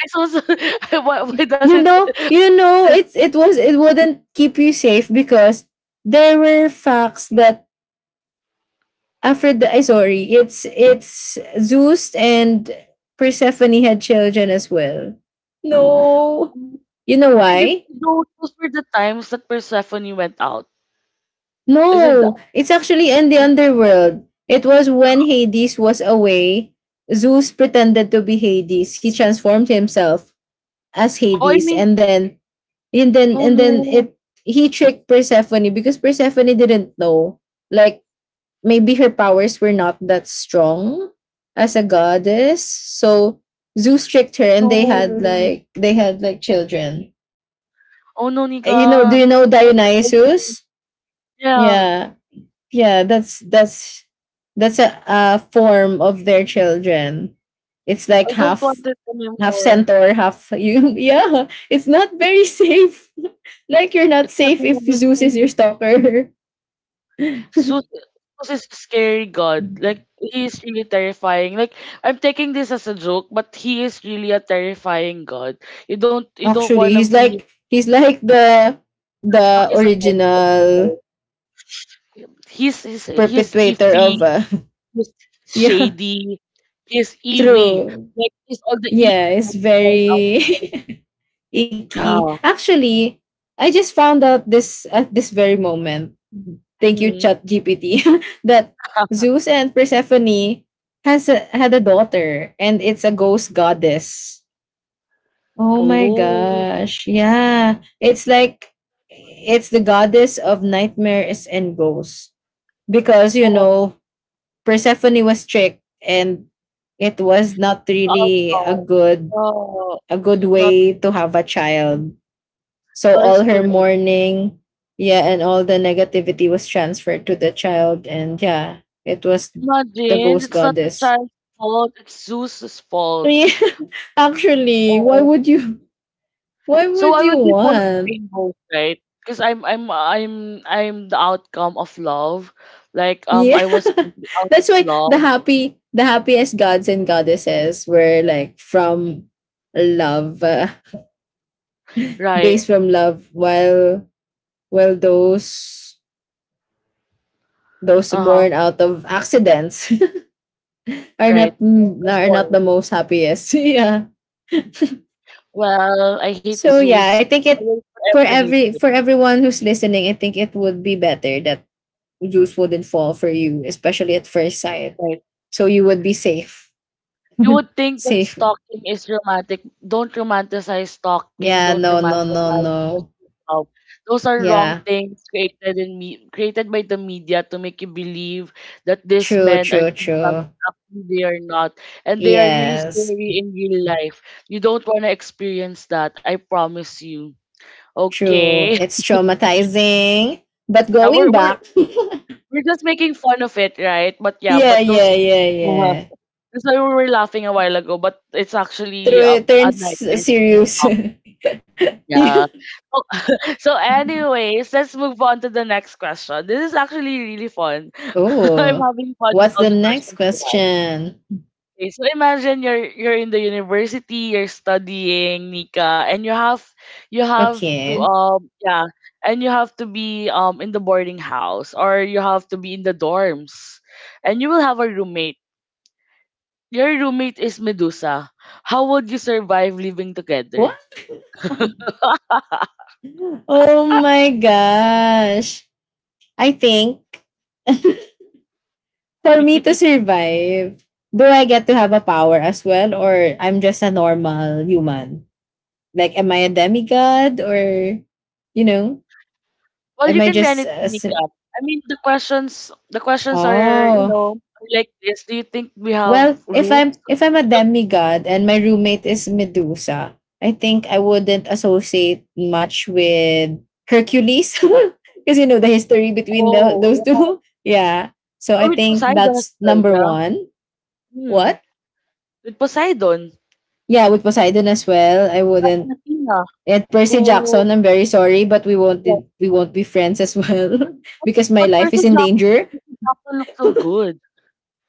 A: it's also why does it does it-
B: It's it was it wouldn't keep you safe because there were facts that Aphrodite, I sorry, it's Zeus and Persephone had children as well. No. You know
A: maybe
B: why?
A: those were the times that Persephone went out, isn't that?
B: No, it's actually in the underworld. It was when Hades was away. Zeus pretended to be Hades. He transformed himself as
A: Oh, I
B: Hades,
A: mean,
B: and then
A: oh no,
B: it he tricked Persephone because Persephone didn't know. Like maybe her powers were not that strong as a goddess. So Zeus tricked her,
A: oh
B: and they
A: no,
B: had Mm. like they had like children.
A: oh no,
B: You know? Do
A: Nika.
B: you know
A: What did I do?
B: Dionysus?
A: Yeah,
B: Yeah. Yeah, that's a form of their children. It's like
A: I don't
B: half
A: want it
B: half
A: anymore.
B: centaur half you. Yeah, it's not very safe. Like you're not
A: It's not
B: safe
A: gonna
B: if Zeus is
A: be
B: your stalker.
A: Zeus. Zeus is a scary god. Like he is really terrifying. Like I'm taking this as a joke, but he is really a terrifying god. You don't want
B: Actually,
A: to
B: he's
A: be
B: like he's like
A: suck
B: the
A: his attention.
B: original
A: He's
B: perpetrator
A: iffy.
B: of
A: He's
B: yeah,
A: shady. He's ewy.
B: true.
A: Like he's all the e
B: Yeah,
A: that I
B: it's
A: can find out.
B: very icky.
A: Yeah.
B: Actually, I just found out this at this very moment. Thank you,
A: Mm.
B: Chat GPT, that Zeus and Persephone has a, had a daughter, and it's a ghost goddess. Oh my
A: Oh,
B: gosh! Yeah, it's like it's the goddess of nightmares and ghosts because you
A: oh,
B: know Persephone was tricked, and it was not
A: no,
B: really
A: no,
B: a good
A: no, not,
B: way to have a child, so
A: that is
B: all her
A: correct.
B: mourning, yeah, and all the negativity was transferred to the child, and yeah, it was the
A: Imagine,
B: ghost
A: it's not the
B: goddess.
A: child's fault, it's Zeus's fault.
B: Yeah, actually, why
A: Oh,
B: would you? Why
A: so
B: would
A: I
B: you
A: would be full of
B: want?
A: rainbows, right? Because I'm the outcome of love. Like
B: Yeah,
A: I was maybe out
B: that's
A: of
B: why the
A: love.
B: happy, the happiest gods and goddesses were like from love,
A: Right.
B: based from love, while while those those
A: Uh-huh.
B: born out of accidents are
A: Right.
B: not
A: Before.
B: the most happiest. Yeah.
A: Well, I hate
B: So yeah,
A: Zeus.
B: I think
A: I
B: it
A: will
B: for
A: forever hate
B: every
A: him.
B: for everyone who's listening, I think it would be better that juice wouldn't fall for you, especially at first sight.
A: Right?
B: So you would be safe.
A: You would think that
B: Safe.
A: stalking is romantic. Don't romanticize stalking.
B: Yeah,
A: Don't
B: no, no, no,
A: romanticize
B: no.
A: pursuit love. Those are wrong
B: Yeah.
A: things created in me created by the media to make you believe that these
B: True,
A: men are
B: true,
A: doing
B: true.
A: something actually they are not, and they are really
B: Yes.
A: scary in real life. You don't want to experience that. I promise you.
B: True.
A: Okay.
B: It's traumatizing. But
A: Yeah,
B: going back,
A: we're just making fun of it, right? But yeah,
B: yeah,
A: but those
B: yeah, yeah,
A: uh-huh.
B: yeah.
A: That's why we were laughing a while ago, but it's actually
B: Through it
A: a
B: turns
A: nightmare to
B: serious.
A: stop.
B: Yeah.
A: Yeah. So, so, anyways, let's move on to the next question. This is actually really fun. I'm
B: Oh.
A: having fun with
B: What's
A: all
B: the
A: the
B: next
A: questions we have.
B: question?
A: Okay, so imagine you're in the university, you're studying, Nika, and you have to
B: Okay.
A: yeah, and you have to be in the boarding house or you have to be in the dorms, and you will have a roommate. Your roommate is Medusa. How would you survive living
B: What?
A: together?
B: Oh my gosh. I think for me to survive, do I get to have a power as well or I'm just a normal human? Like am I a demigod or you know,
A: Well,
B: am
A: you
B: I
A: can be
B: just a,
A: anything,
B: s-
A: Nika. I mean, the questions are, you
B: oh.
A: know, like this. Do you think we have
B: Well, if I'm
A: roots?
B: if I'm a demigod and my roommate is Medusa, I think I wouldn't associate much with Hercules because you know the history between the,
A: Oh,
B: those
A: yeah.
B: two. Yeah. So
A: Or
B: I
A: with
B: think
A: Poseidon as
B: that's
A: well,
B: number
A: yeah.
B: one.
A: Hmm.
B: What?
A: With Poseidon
B: Yeah, with Poseidon as well. I
A: and
B: wouldn't
A: Athena,
B: and Percy
A: who,
B: Jackson, I'm very sorry, but we won't
A: yeah.
B: we won't be friends as well.
A: But,
B: Because my
A: but
B: life is in danger.
A: Percy Jackson looks so good.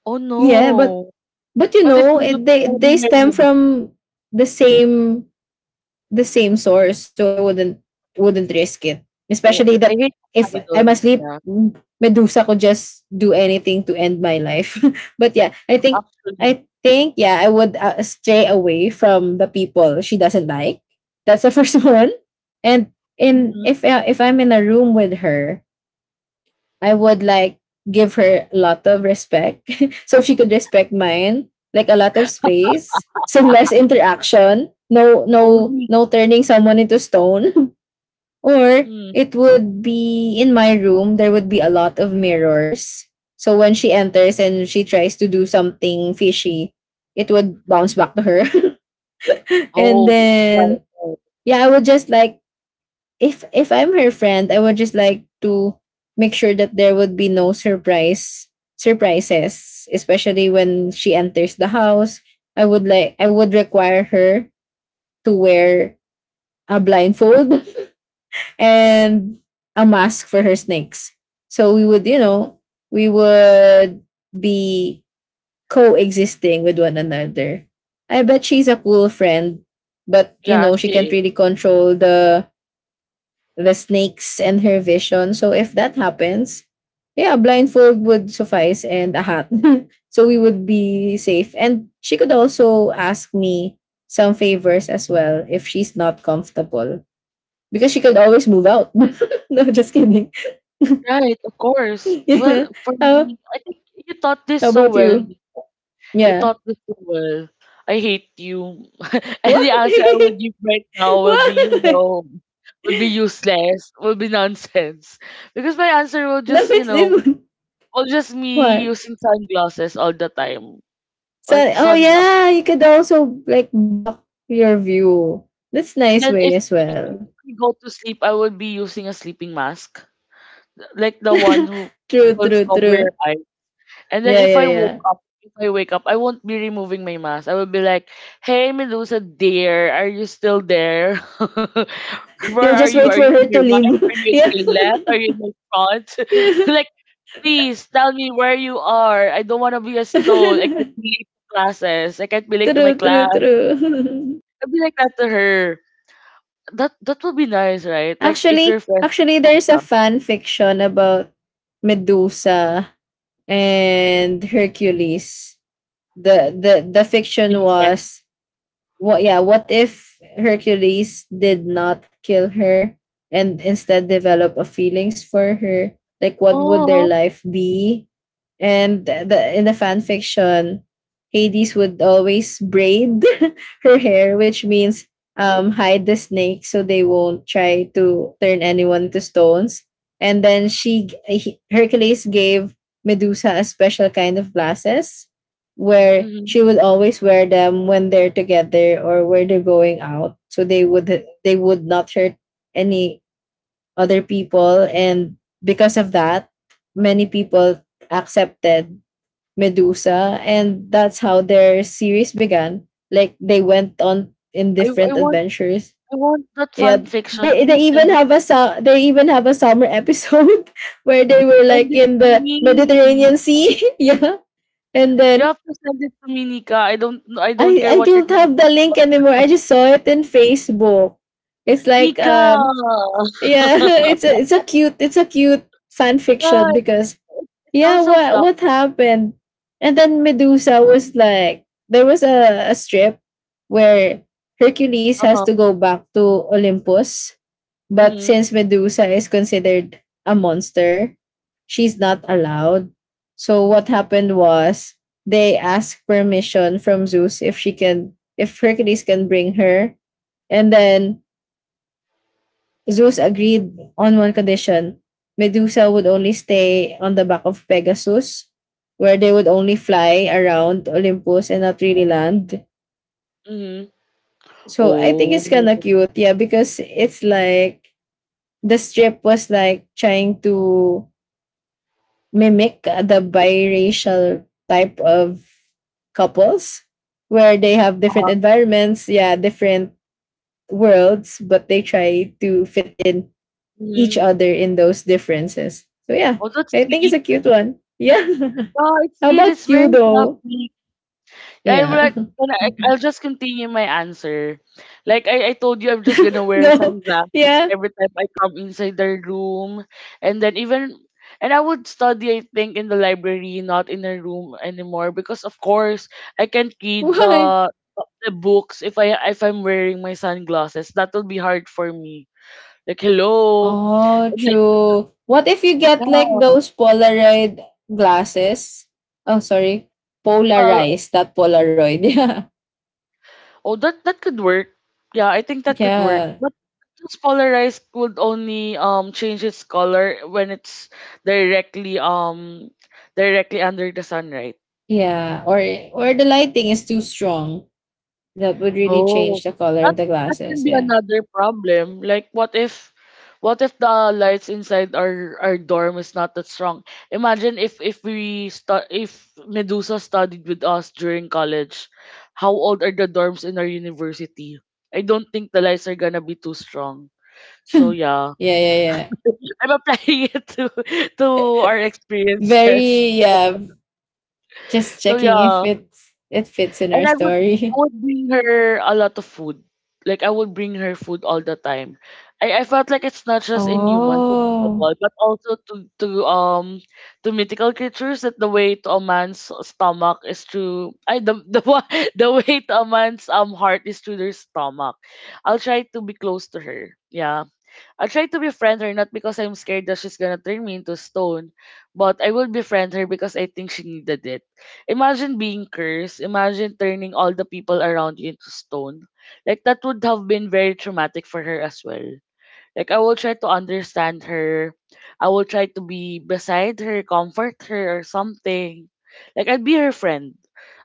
A: Oh
B: Yeah,
A: no.
B: but you
A: But if
B: know,
A: Medusa
B: it,
A: will be
B: they
A: my
B: stem
A: roommate,
B: from the same the same source, so I wouldn't risk it.
A: oh,
B: Especially that
A: I hate
B: if I'm
A: Poseidon.
B: asleep,
A: Yeah,
B: Medusa could just do anything to end my life. But yeah, I think
A: actually.
B: I think yeah, I would stray away from the people she doesn't like. That's the first one. And in
A: Mm-hmm.
B: if I'm in a room with her, I would like give her a lot of respect. So if she could respect mine, like a lot of space, some less interaction, no no turning someone into stone. Or
A: Mm.
B: it would be in my room, there would be a lot of mirrors. So when she enters and she tries to do something fishy, it would bounce back to her. And
A: Oh, right,
B: then
A: right.
B: yeah, I would just like if I'm her friend, I would just like to make sure that there would be no surprises, especially when she enters the house. I would require her to wear a blindfold and a mask for her snakes. So we would, you know, we would be coexisting with one another. I bet she's a cool friend, but you
A: Yeah,
B: know, she
A: she
B: can't
A: is.
B: really control the snakes and her vision. So if that happens, yeah, a blindfold would suffice and a hat. So we would be safe. And she could also ask me some favors as well if she's not comfortable. Because she could always move out. No, just kidding.
A: Right, of course. Well,
B: Yeah.
A: for
B: How,
A: me, I think you taught this
B: how
A: so
B: about
A: well.
B: you?
A: Nick. You
B: Yeah.
A: taught this so well. I hate you. And the
B: Why?
A: answer I will give right now will be, you
B: Why?
A: know, will be useless, will be nonsense. Because my answer will
B: No,
A: just, you
B: it's it
A: know,
B: would
A: will just me
B: what?
A: using sunglasses all the time.
B: So
A: Like
B: oh
A: sunglasses.
B: yeah, you could also like block your view. That's
A: And
B: nice
A: then
B: way as
A: if
B: well.
A: we go to sleep, I will be using a sleeping mask. Like the one who
B: True,
A: will
B: true,
A: cover
B: true.
A: your eyes. And then
B: Yeah, yeah, yeah.
A: if I wake up, I won't be removing my mask. I will be like, "Hey, Medusa dear, are you still there? Where
B: You
A: are
B: just
A: you?
B: wait
A: Are
B: for
A: you in
B: her
A: your
B: to
A: right?
B: leave.
A: Are you in
B: yeah.
A: your left? Are you in the front?
B: yeah.
A: Like, please tell me where you are. I don't want to be a stone. I can't be late to classes. I can't be late to my
B: true, true,
A: class.
B: true.
A: I'll be like that to her. That would be nice, right? Like if
B: Actually,
A: you're friends
B: actually
A: with
B: there's a
A: Medusa,
B: fan fiction about Medusa and Hercules. The fiction
A: being friends.
B: was what? Yeah. What if Hercules did not kill her and instead develop a feelings for her? Like, what would their
A: Oh,
B: life be? And the in the fan fiction, Hades would always braid her hair, which means hide the snake so they won't try to turn anyone to stones. And then Hercules gave Medusa a special kind of glasses where
A: mhm.
B: she would always wear them when they're together or where they're going out so they would not hurt any other people, and because of that many people accepted Medusa, and that's how their series began. Like they went on in
A: I
B: different
A: I want
B: adventures.
A: I want that fan
B: Yeah,
A: fiction.
B: they
A: Can you
B: they even
A: send
B: have a they even have a summer episode where they were
A: send
B: like
A: it
B: in
A: to
B: the
A: me.
B: Mediterranean Sea. Yeah, and
A: You
B: then
A: have to send it to me, Nika. I don't
B: I
A: care
B: I
A: what you're
B: don't
A: gonna
B: have the link
A: talk
B: anymore.
A: about.
B: I just saw it in Facebook. It's like
A: Nika.
B: yeah, it's a cute, it's a cute fan fiction
A: God,
B: because
A: it it
B: yeah,
A: sounds so
B: what
A: fluffy.
B: happened? And then Medusa was like there was a strip where Hercules has
A: Uh-huh.
B: to go back to Olympus, but
A: Mm-hmm.
B: since Medusa is considered a monster, she's not allowed. So what happened was they asked permission from Zeus if she can if Hercules can bring her. And then Zeus agreed on one condition. Medusa would only stay on the back of Pegasus, where they would only fly around Olympus and not really land.
A: Mm-hmm.
B: So I think
A: Oh.
B: it's kind of cute, yeah, because it's like the strip was like trying to mimic the biracial type of couples where they have different
A: Uh-huh.
B: environments, yeah, different worlds, but they try to fit in each
A: Mm-hmm.
B: other in those differences. So yeah,
A: Oh, that's
B: I think it's a
A: sweet.
B: cute one. Yeah.
A: Oh, it's
B: How
A: sweet.
B: about
A: It's
B: you
A: very
B: though?
A: fluffy. I'm like,
B: Yeah.
A: and I'll just continue my answer. Like I told you, I'm just gonna wear
B: Go.
A: sunglasses
B: Yeah.
A: every time I come inside their room, and then even and I would study, I think, in the library, not in a room anymore, because of course I can't read
B: Why?
A: the books if I if I'm wearing my sunglasses. That will be hard for me. Like hello,
B: Oh,
A: and like,
B: true. What if you get like
A: yeah,
B: those Polaroid glasses? Oh, sorry.
A: well,
B: Polarized, not Polaroid. Yeah.
A: oh, that could work. Yeah, I think that could work.
B: Yeah,
A: But it's polarized would only change its color when it's directly directly under the sun, right?
B: yeah. Or the lighting is too strong. That would really change
A: Oh,
B: the color of
A: that
B: the
A: that can
B: glasses.
A: be
B: Yeah,
A: another problem. Like, what if the lights inside our dorm is not that strong? Imagine if we if Medusa studied with us during college, how old are the dorms in our university? I don't think the lights are gonna be too strong. So yeah,
B: yeah, yeah, yeah.
A: I'm applying it to our experiences.
B: Very yeah. Just
A: So
B: checking if
A: yeah,
B: it fits in
A: and
B: our
A: I
B: story.
A: would bring her a lot of food. Like I would bring her food all the time. I felt like it's not just in humans
B: Oh,
A: applicable, but also to to mythical creatures that the way to a man's stomach is through I the the way to a man's heart is through their stomach. I'll try to be close to her. Yeah. I'll try to befriend her not because I'm scared that she's gonna turn me into stone, but I will befriend her because I think she needed it. Imagine being cursed. Imagine turning all the people around you into stone. Like that would have been very traumatic for her as well. Like I will try to understand her. I will try to be beside her, comfort her or something. Like I'll be her friend.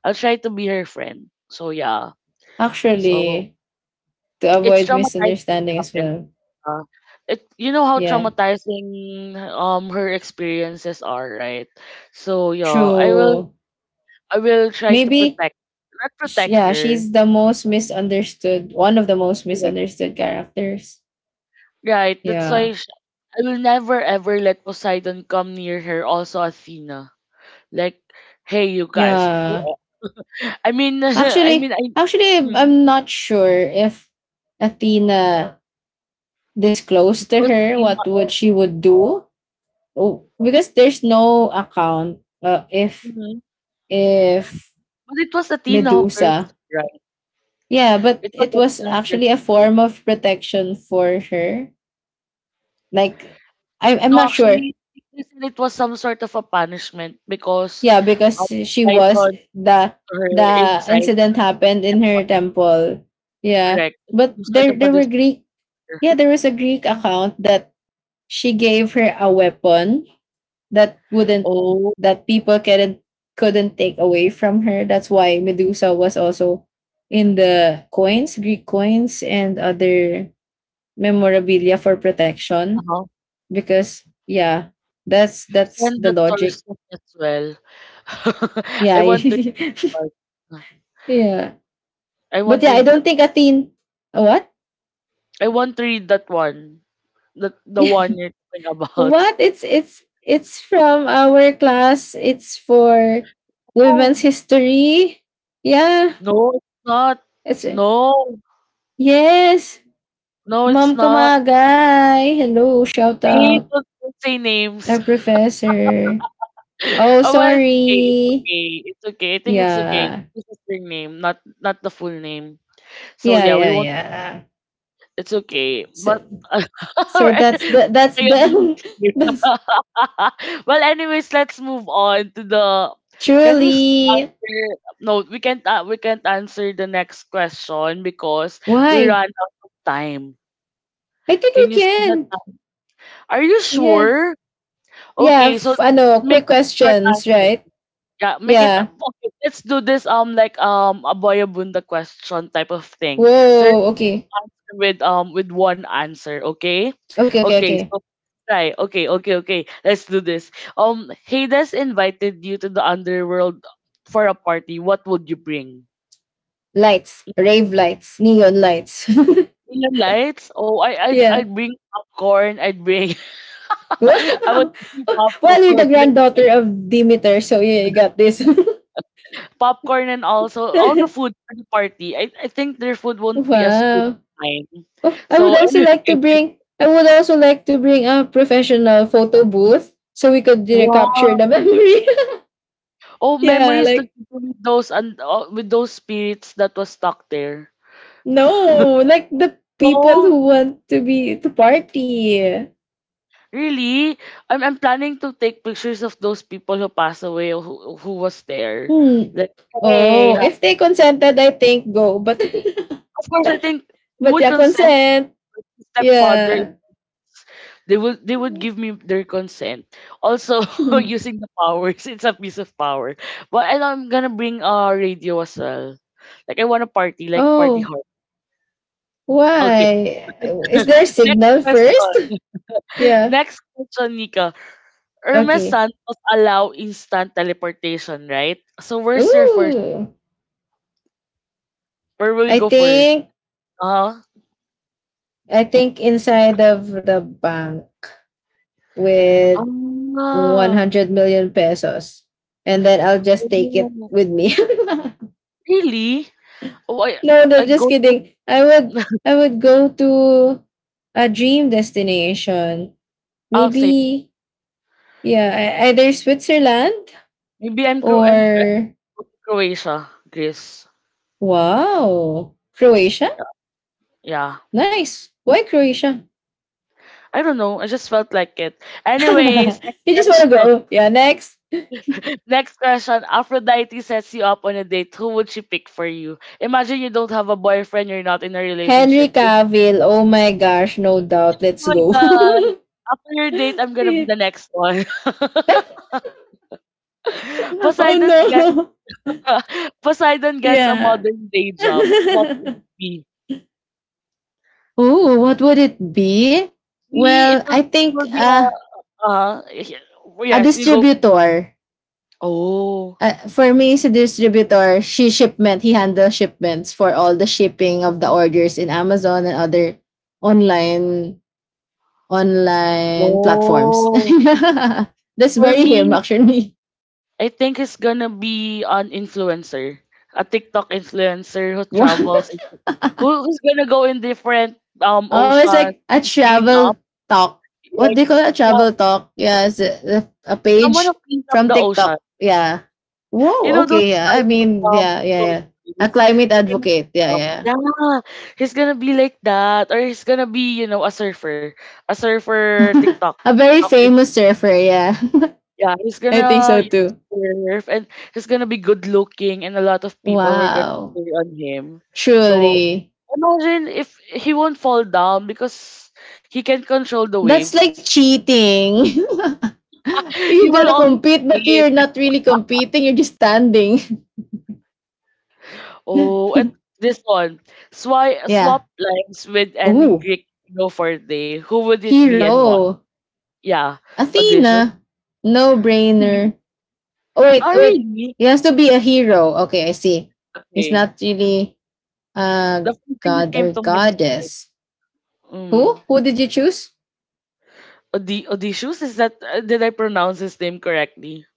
A: I'll try to be her friend. So yeah. So
B: actually, to
A: it's
B: avoid
A: traumatizing
B: misunderstanding as
A: happens
B: well.
A: uh, it you know how
B: Yeah,
A: traumatizing her experiences are, right? So yeah,
B: true.
A: I will try to
B: Maybe
A: protect not protect
B: yeah,
A: her.
B: she's the most misunderstood. One of the most
A: Yeah.
B: misunderstood characters.
A: Right. That's
B: Yeah,
A: why sh I will never ever let Poseidon come near her, also Athena. Like, hey you guys,
B: yeah.
A: who
B: Actually,
A: I
B: actually,
A: Mm,
B: I'm not sure if Athena
A: it
B: disclosed to
A: was
B: her
A: Athena.
B: what would she would do. Oh, because there's no account if
A: Mhm.
B: if
A: But it was Athena who cursed,
B: Medusa.
A: right?
B: Yeah, but
A: It was
B: it was
A: Athena who cursed
B: actually a
A: her.
B: form of protection for her. Like, I'm
A: No,
B: not sure.
A: actually, they said it was some sort of a punishment because
B: Yeah, because
A: um,
B: she
A: I
B: was
A: hunt
B: the
A: her
B: the
A: inside
B: incident
A: the
B: happened in her
A: stepmother.
B: temple. Yeah,
A: Correct. It's
B: but
A: some sort
B: there
A: of a
B: there were
A: disorder.
B: Greek. Yeah, there was a Greek account that she gave her a weapon that wouldn't
A: Oh,
B: that people couldn't take away from her. That's why Medusa was also in the coins, Greek coins, and other memorabilia for protection.
A: uh-huh.
B: Because yeah, that's
A: Send
B: the
A: that source
B: logic.
A: book as well. I
B: Yeah,
A: want to read that.
B: yeah.
A: I
B: But
A: want to
B: yeah, I
A: read that.
B: don't think Athene. What?
A: I want to read that one. That the one you're talking
B: what?
A: about.
B: It's from our class. It's for women's
A: Oh,
B: history. Yeah.
A: no, it's not.
B: Kasi
A: No,
B: yes!
A: no, it's
B: Ma'am
A: not.
B: Kamagay, hello, shout
A: Hey,
B: out
A: don't say
B: our
A: names.
B: professor. Oh,
A: Oh, well, it's okay. It's
B: sorry.
A: okay. It's okay. I think it's okay.
B: Yeah.
A: This is their name, not not the full name. So
B: Yeah,
A: yeah, we
B: yeah,
A: won't.
B: yeah.
A: It's okay.
B: So,
A: But
B: so
A: alright,
B: that's the that's
A: sorry about
B: the
A: it here.
B: that's
A: Well, anyways, let's move on to the. Can we s-
B: truly
A: answer? No, we can't. We can't answer the next question because we
B: why?
A: ran out of time.
B: I think we
A: Can you see the
B: can.
A: time? Are you
B: Yeah.
A: sure?
B: Yeah,
A: Okay, so
B: ano,
A: make
B: quick
A: short
B: questions,
A: answer.
B: right?
A: Yeah, make it
B: Yeah.
A: okay, let's do this like a Boyabunda question type of thing. So you
B: Whoa,
A: can
B: okay.
A: answer with one answer, okay?
B: Okay, okay,
A: Okay,
B: okay.
A: so try. Okay, okay, okay. Let's do this. Hades invited you to the underworld for a party. What would you bring?
B: Lights, rave lights, neon lights.
A: Neon lights? Oh,
B: yeah.
A: I'd bring popcorn. I'd bring I would
B: Wow.
A: bring
B: Well, you're
A: popcorn.
B: the granddaughter of Demeter, so yeah, you got this.
A: Popcorn and also all the food for the party. I think their food won't be as good.
B: wow. Oh, I would
A: So
B: also
A: anyway,
B: like to bring I would also like to bring a professional photo booth so we could you know, capture
A: wow.
B: the memory.
A: Oh,
B: Yeah,
A: memories to
B: like
A: with those and with those spirits that was stuck there.
B: no, like the people
A: Oh,
B: who want to be to party.
A: really? I'm planning to take pictures of those people who passed away or who was there.
B: Hmm.
A: Like, hey,
B: Oh, if
A: ha-
B: they consented, I think go. But
A: of course I think you
B: but
A: would
B: yeah,
A: consent
B: consent.
A: to stepfather.
B: Yeah.
A: They would give me their consent. Also using the powers, it's a piece of power. But and I'm gonna bring a radio as well. Like I want to party, like party
B: oh,
A: hard. Okay.
B: why? Is there a
A: Next
B: signal first?
A: question.
B: Yeah.
A: Next question, Nika. Irma
B: Okay.
A: Santos allow instant teleportation, right? So where's your first?
B: Ooh.
A: Where will you
B: I
A: go first?
B: think
A: Uh,
B: I think inside of the bank with
A: ah,
B: 100 million pesos and then I'll just take it
A: oh,
B: with me.
A: really? Oh,
B: No, no,
A: I
B: just
A: go to,
B: kidding. I would go to a dream destination.
A: say,
B: Maybe yeah, either Switzerland
A: maybe I'm, Cro- I'm
B: or
A: go to Croatia, Greece.
B: wow, Croatia.
A: Yeah.
B: Nice. Why Croatia?
A: I don't know. I just felt like it. Anyways, next
B: You just want to
A: question.
B: go. Yeah, next.
A: Next question. Aphrodite sets you up on a date. Who would she pick for you? Imagine you don't have a boyfriend, you're not in a
B: Henry
A: relationship.
B: Cavill. Oh my gosh, no doubt. Let's
A: Oh my
B: go.
A: god. After your date, I'm gonna be
B: Yeah.
A: the next one.
B: oh
A: Poseidon get
B: no.
A: Poseidon gets a
B: Yeah.
A: modern day job. What would it be?
B: Oh, what would it be?
A: Me,
B: Well, I
A: it
B: think
A: would be a uh
B: a
A: yes, you go.
B: distributor.
A: Oh,
B: For me, is a distributor. She shipment. He handles shipments for all the shipping of the orders in Amazon and other online online platforms.
A: oh.
B: That's
A: For
B: very him
A: me,
B: actually.
A: I think he's gonna be an influencer, a TikTok influencer who
B: Always
A: travels, and who's gonna go in different oceans,
B: like a
A: clean up
B: travel talk. What
A: like
B: do you call it? A
A: yeah,
B: travel talk. Yeah, it's a
A: someone who
B: page
A: cleans up
B: from
A: the ocean.
B: TikTok. Yeah.
A: You
B: Whoa,
A: know those
B: okay. Yeah. I
A: types of
B: mean, yeah, yeah, yeah. A
A: influencers,
B: climate
A: they can
B: advocate.
A: clean
B: Yeah,
A: up.
B: yeah.
A: Yeah, he's gonna be like that, or he's gonna be you know a surfer
B: yeah.
A: TikTok.
B: a very
A: TikTok.
B: famous surfer. Yeah.
A: Yeah,
B: I think so too.
A: surf and he's gonna be good looking, and a lot of people were gonna
B: Wow.
A: cheer on him. So
B: Truly.
A: imagine if he won't fall down because he can control the waves.
B: That's like cheating.
A: He
B: You're
A: will
B: gonna
A: always
B: compete, but
A: be
B: you're
A: it.
B: not really competing. You're just standing.
A: Oh, at this one, swi
B: Yeah.
A: swap lines with any
B: Ooh.
A: Greek hero for a day. Who would it be and why?
B: Hero.
A: Yeah, audition.
B: Athena. No brainer. Oh wait,
A: Oh,
B: oh, wait.
A: really?
B: He has to be a hero. Okay, I see. He's
A: Okay.
B: not really a
A: The first thing that
B: god
A: came
B: or
A: to my mind is,
B: goddess. Who?
A: mm,
B: Who did you choose?
A: Odysseus? Is that, did I pronounce his name correctly?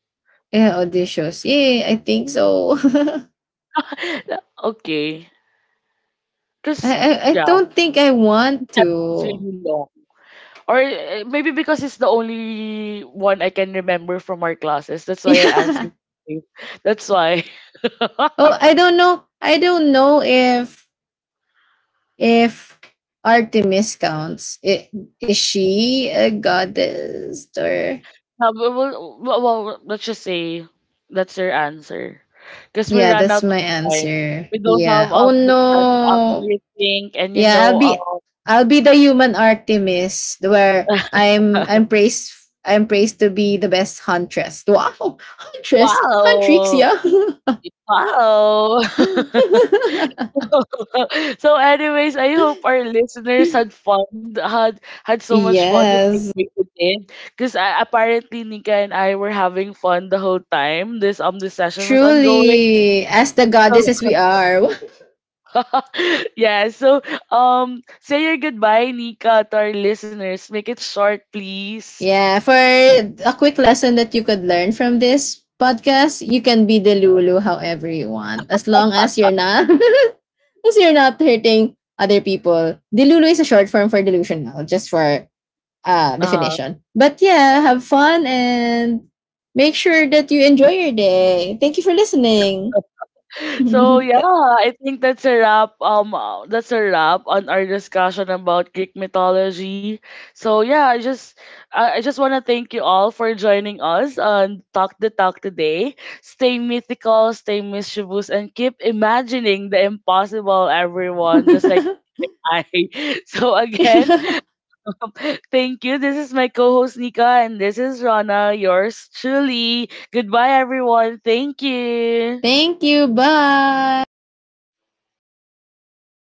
B: Yeah, auditions. Yeah, I think so.
A: Okay.
B: I,
A: Because,
B: I I
A: yeah,
B: don't think I
A: his
B: want
A: epic is
B: to.
A: really long. Or maybe because it's the only one I can remember from our classes. That's why I answered
B: Yeah.
A: it. That's why.
B: Oh, I don't know. I don't know if if Artemis counts. I- Is she a goddess or
A: Yeah, well, let's just say that's your answer. Because we
B: yeah,
A: ran
B: that's
A: out of
B: my
A: time.
B: answer.
A: We don't
B: Yeah.
A: have
B: Oh
A: the time to
B: no.
A: actually think and, you
B: Yeah, I'll
A: know,
B: be I'll be the human Artemis where
A: um,
B: I'm I'm praised, I'm praised to be the best huntress. Wow, huntress, huntrix,
A: wow.
B: yeah.
A: Wow. So anyways, I hope our listeners had fun, had so much fun that they
B: Yes,
A: made it in. Because I, apparently Nika and I were having fun the whole time. This session was ongoing.
B: truly, as the goddesses
A: So
B: we are.
A: yeah, so say your goodbye, Nika, to our listeners. Make it short, please.
B: Yeah, for a quick lesson that you could learn from this podcast, you can be the Lulu however you want, as long as you're not because you're not hurting other people. Dilulu is a short form for delusional, just for
A: Uh,
B: definition. But yeah, have fun and make sure that you enjoy your day. Thank you for listening.
A: So yeah, I think that's a wrap. That's a wrap on our discussion about Greek mythology. So yeah, I just want to thank you all for joining us on Talk the Talk today. Stay mythical, stay mischievous, and keep imagining the impossible, everyone. Just like I. So again, thank you. This is my co-host Nika, and this is Rana, yours truly. Goodbye, everyone. Thank you.
B: Thank you. Bye.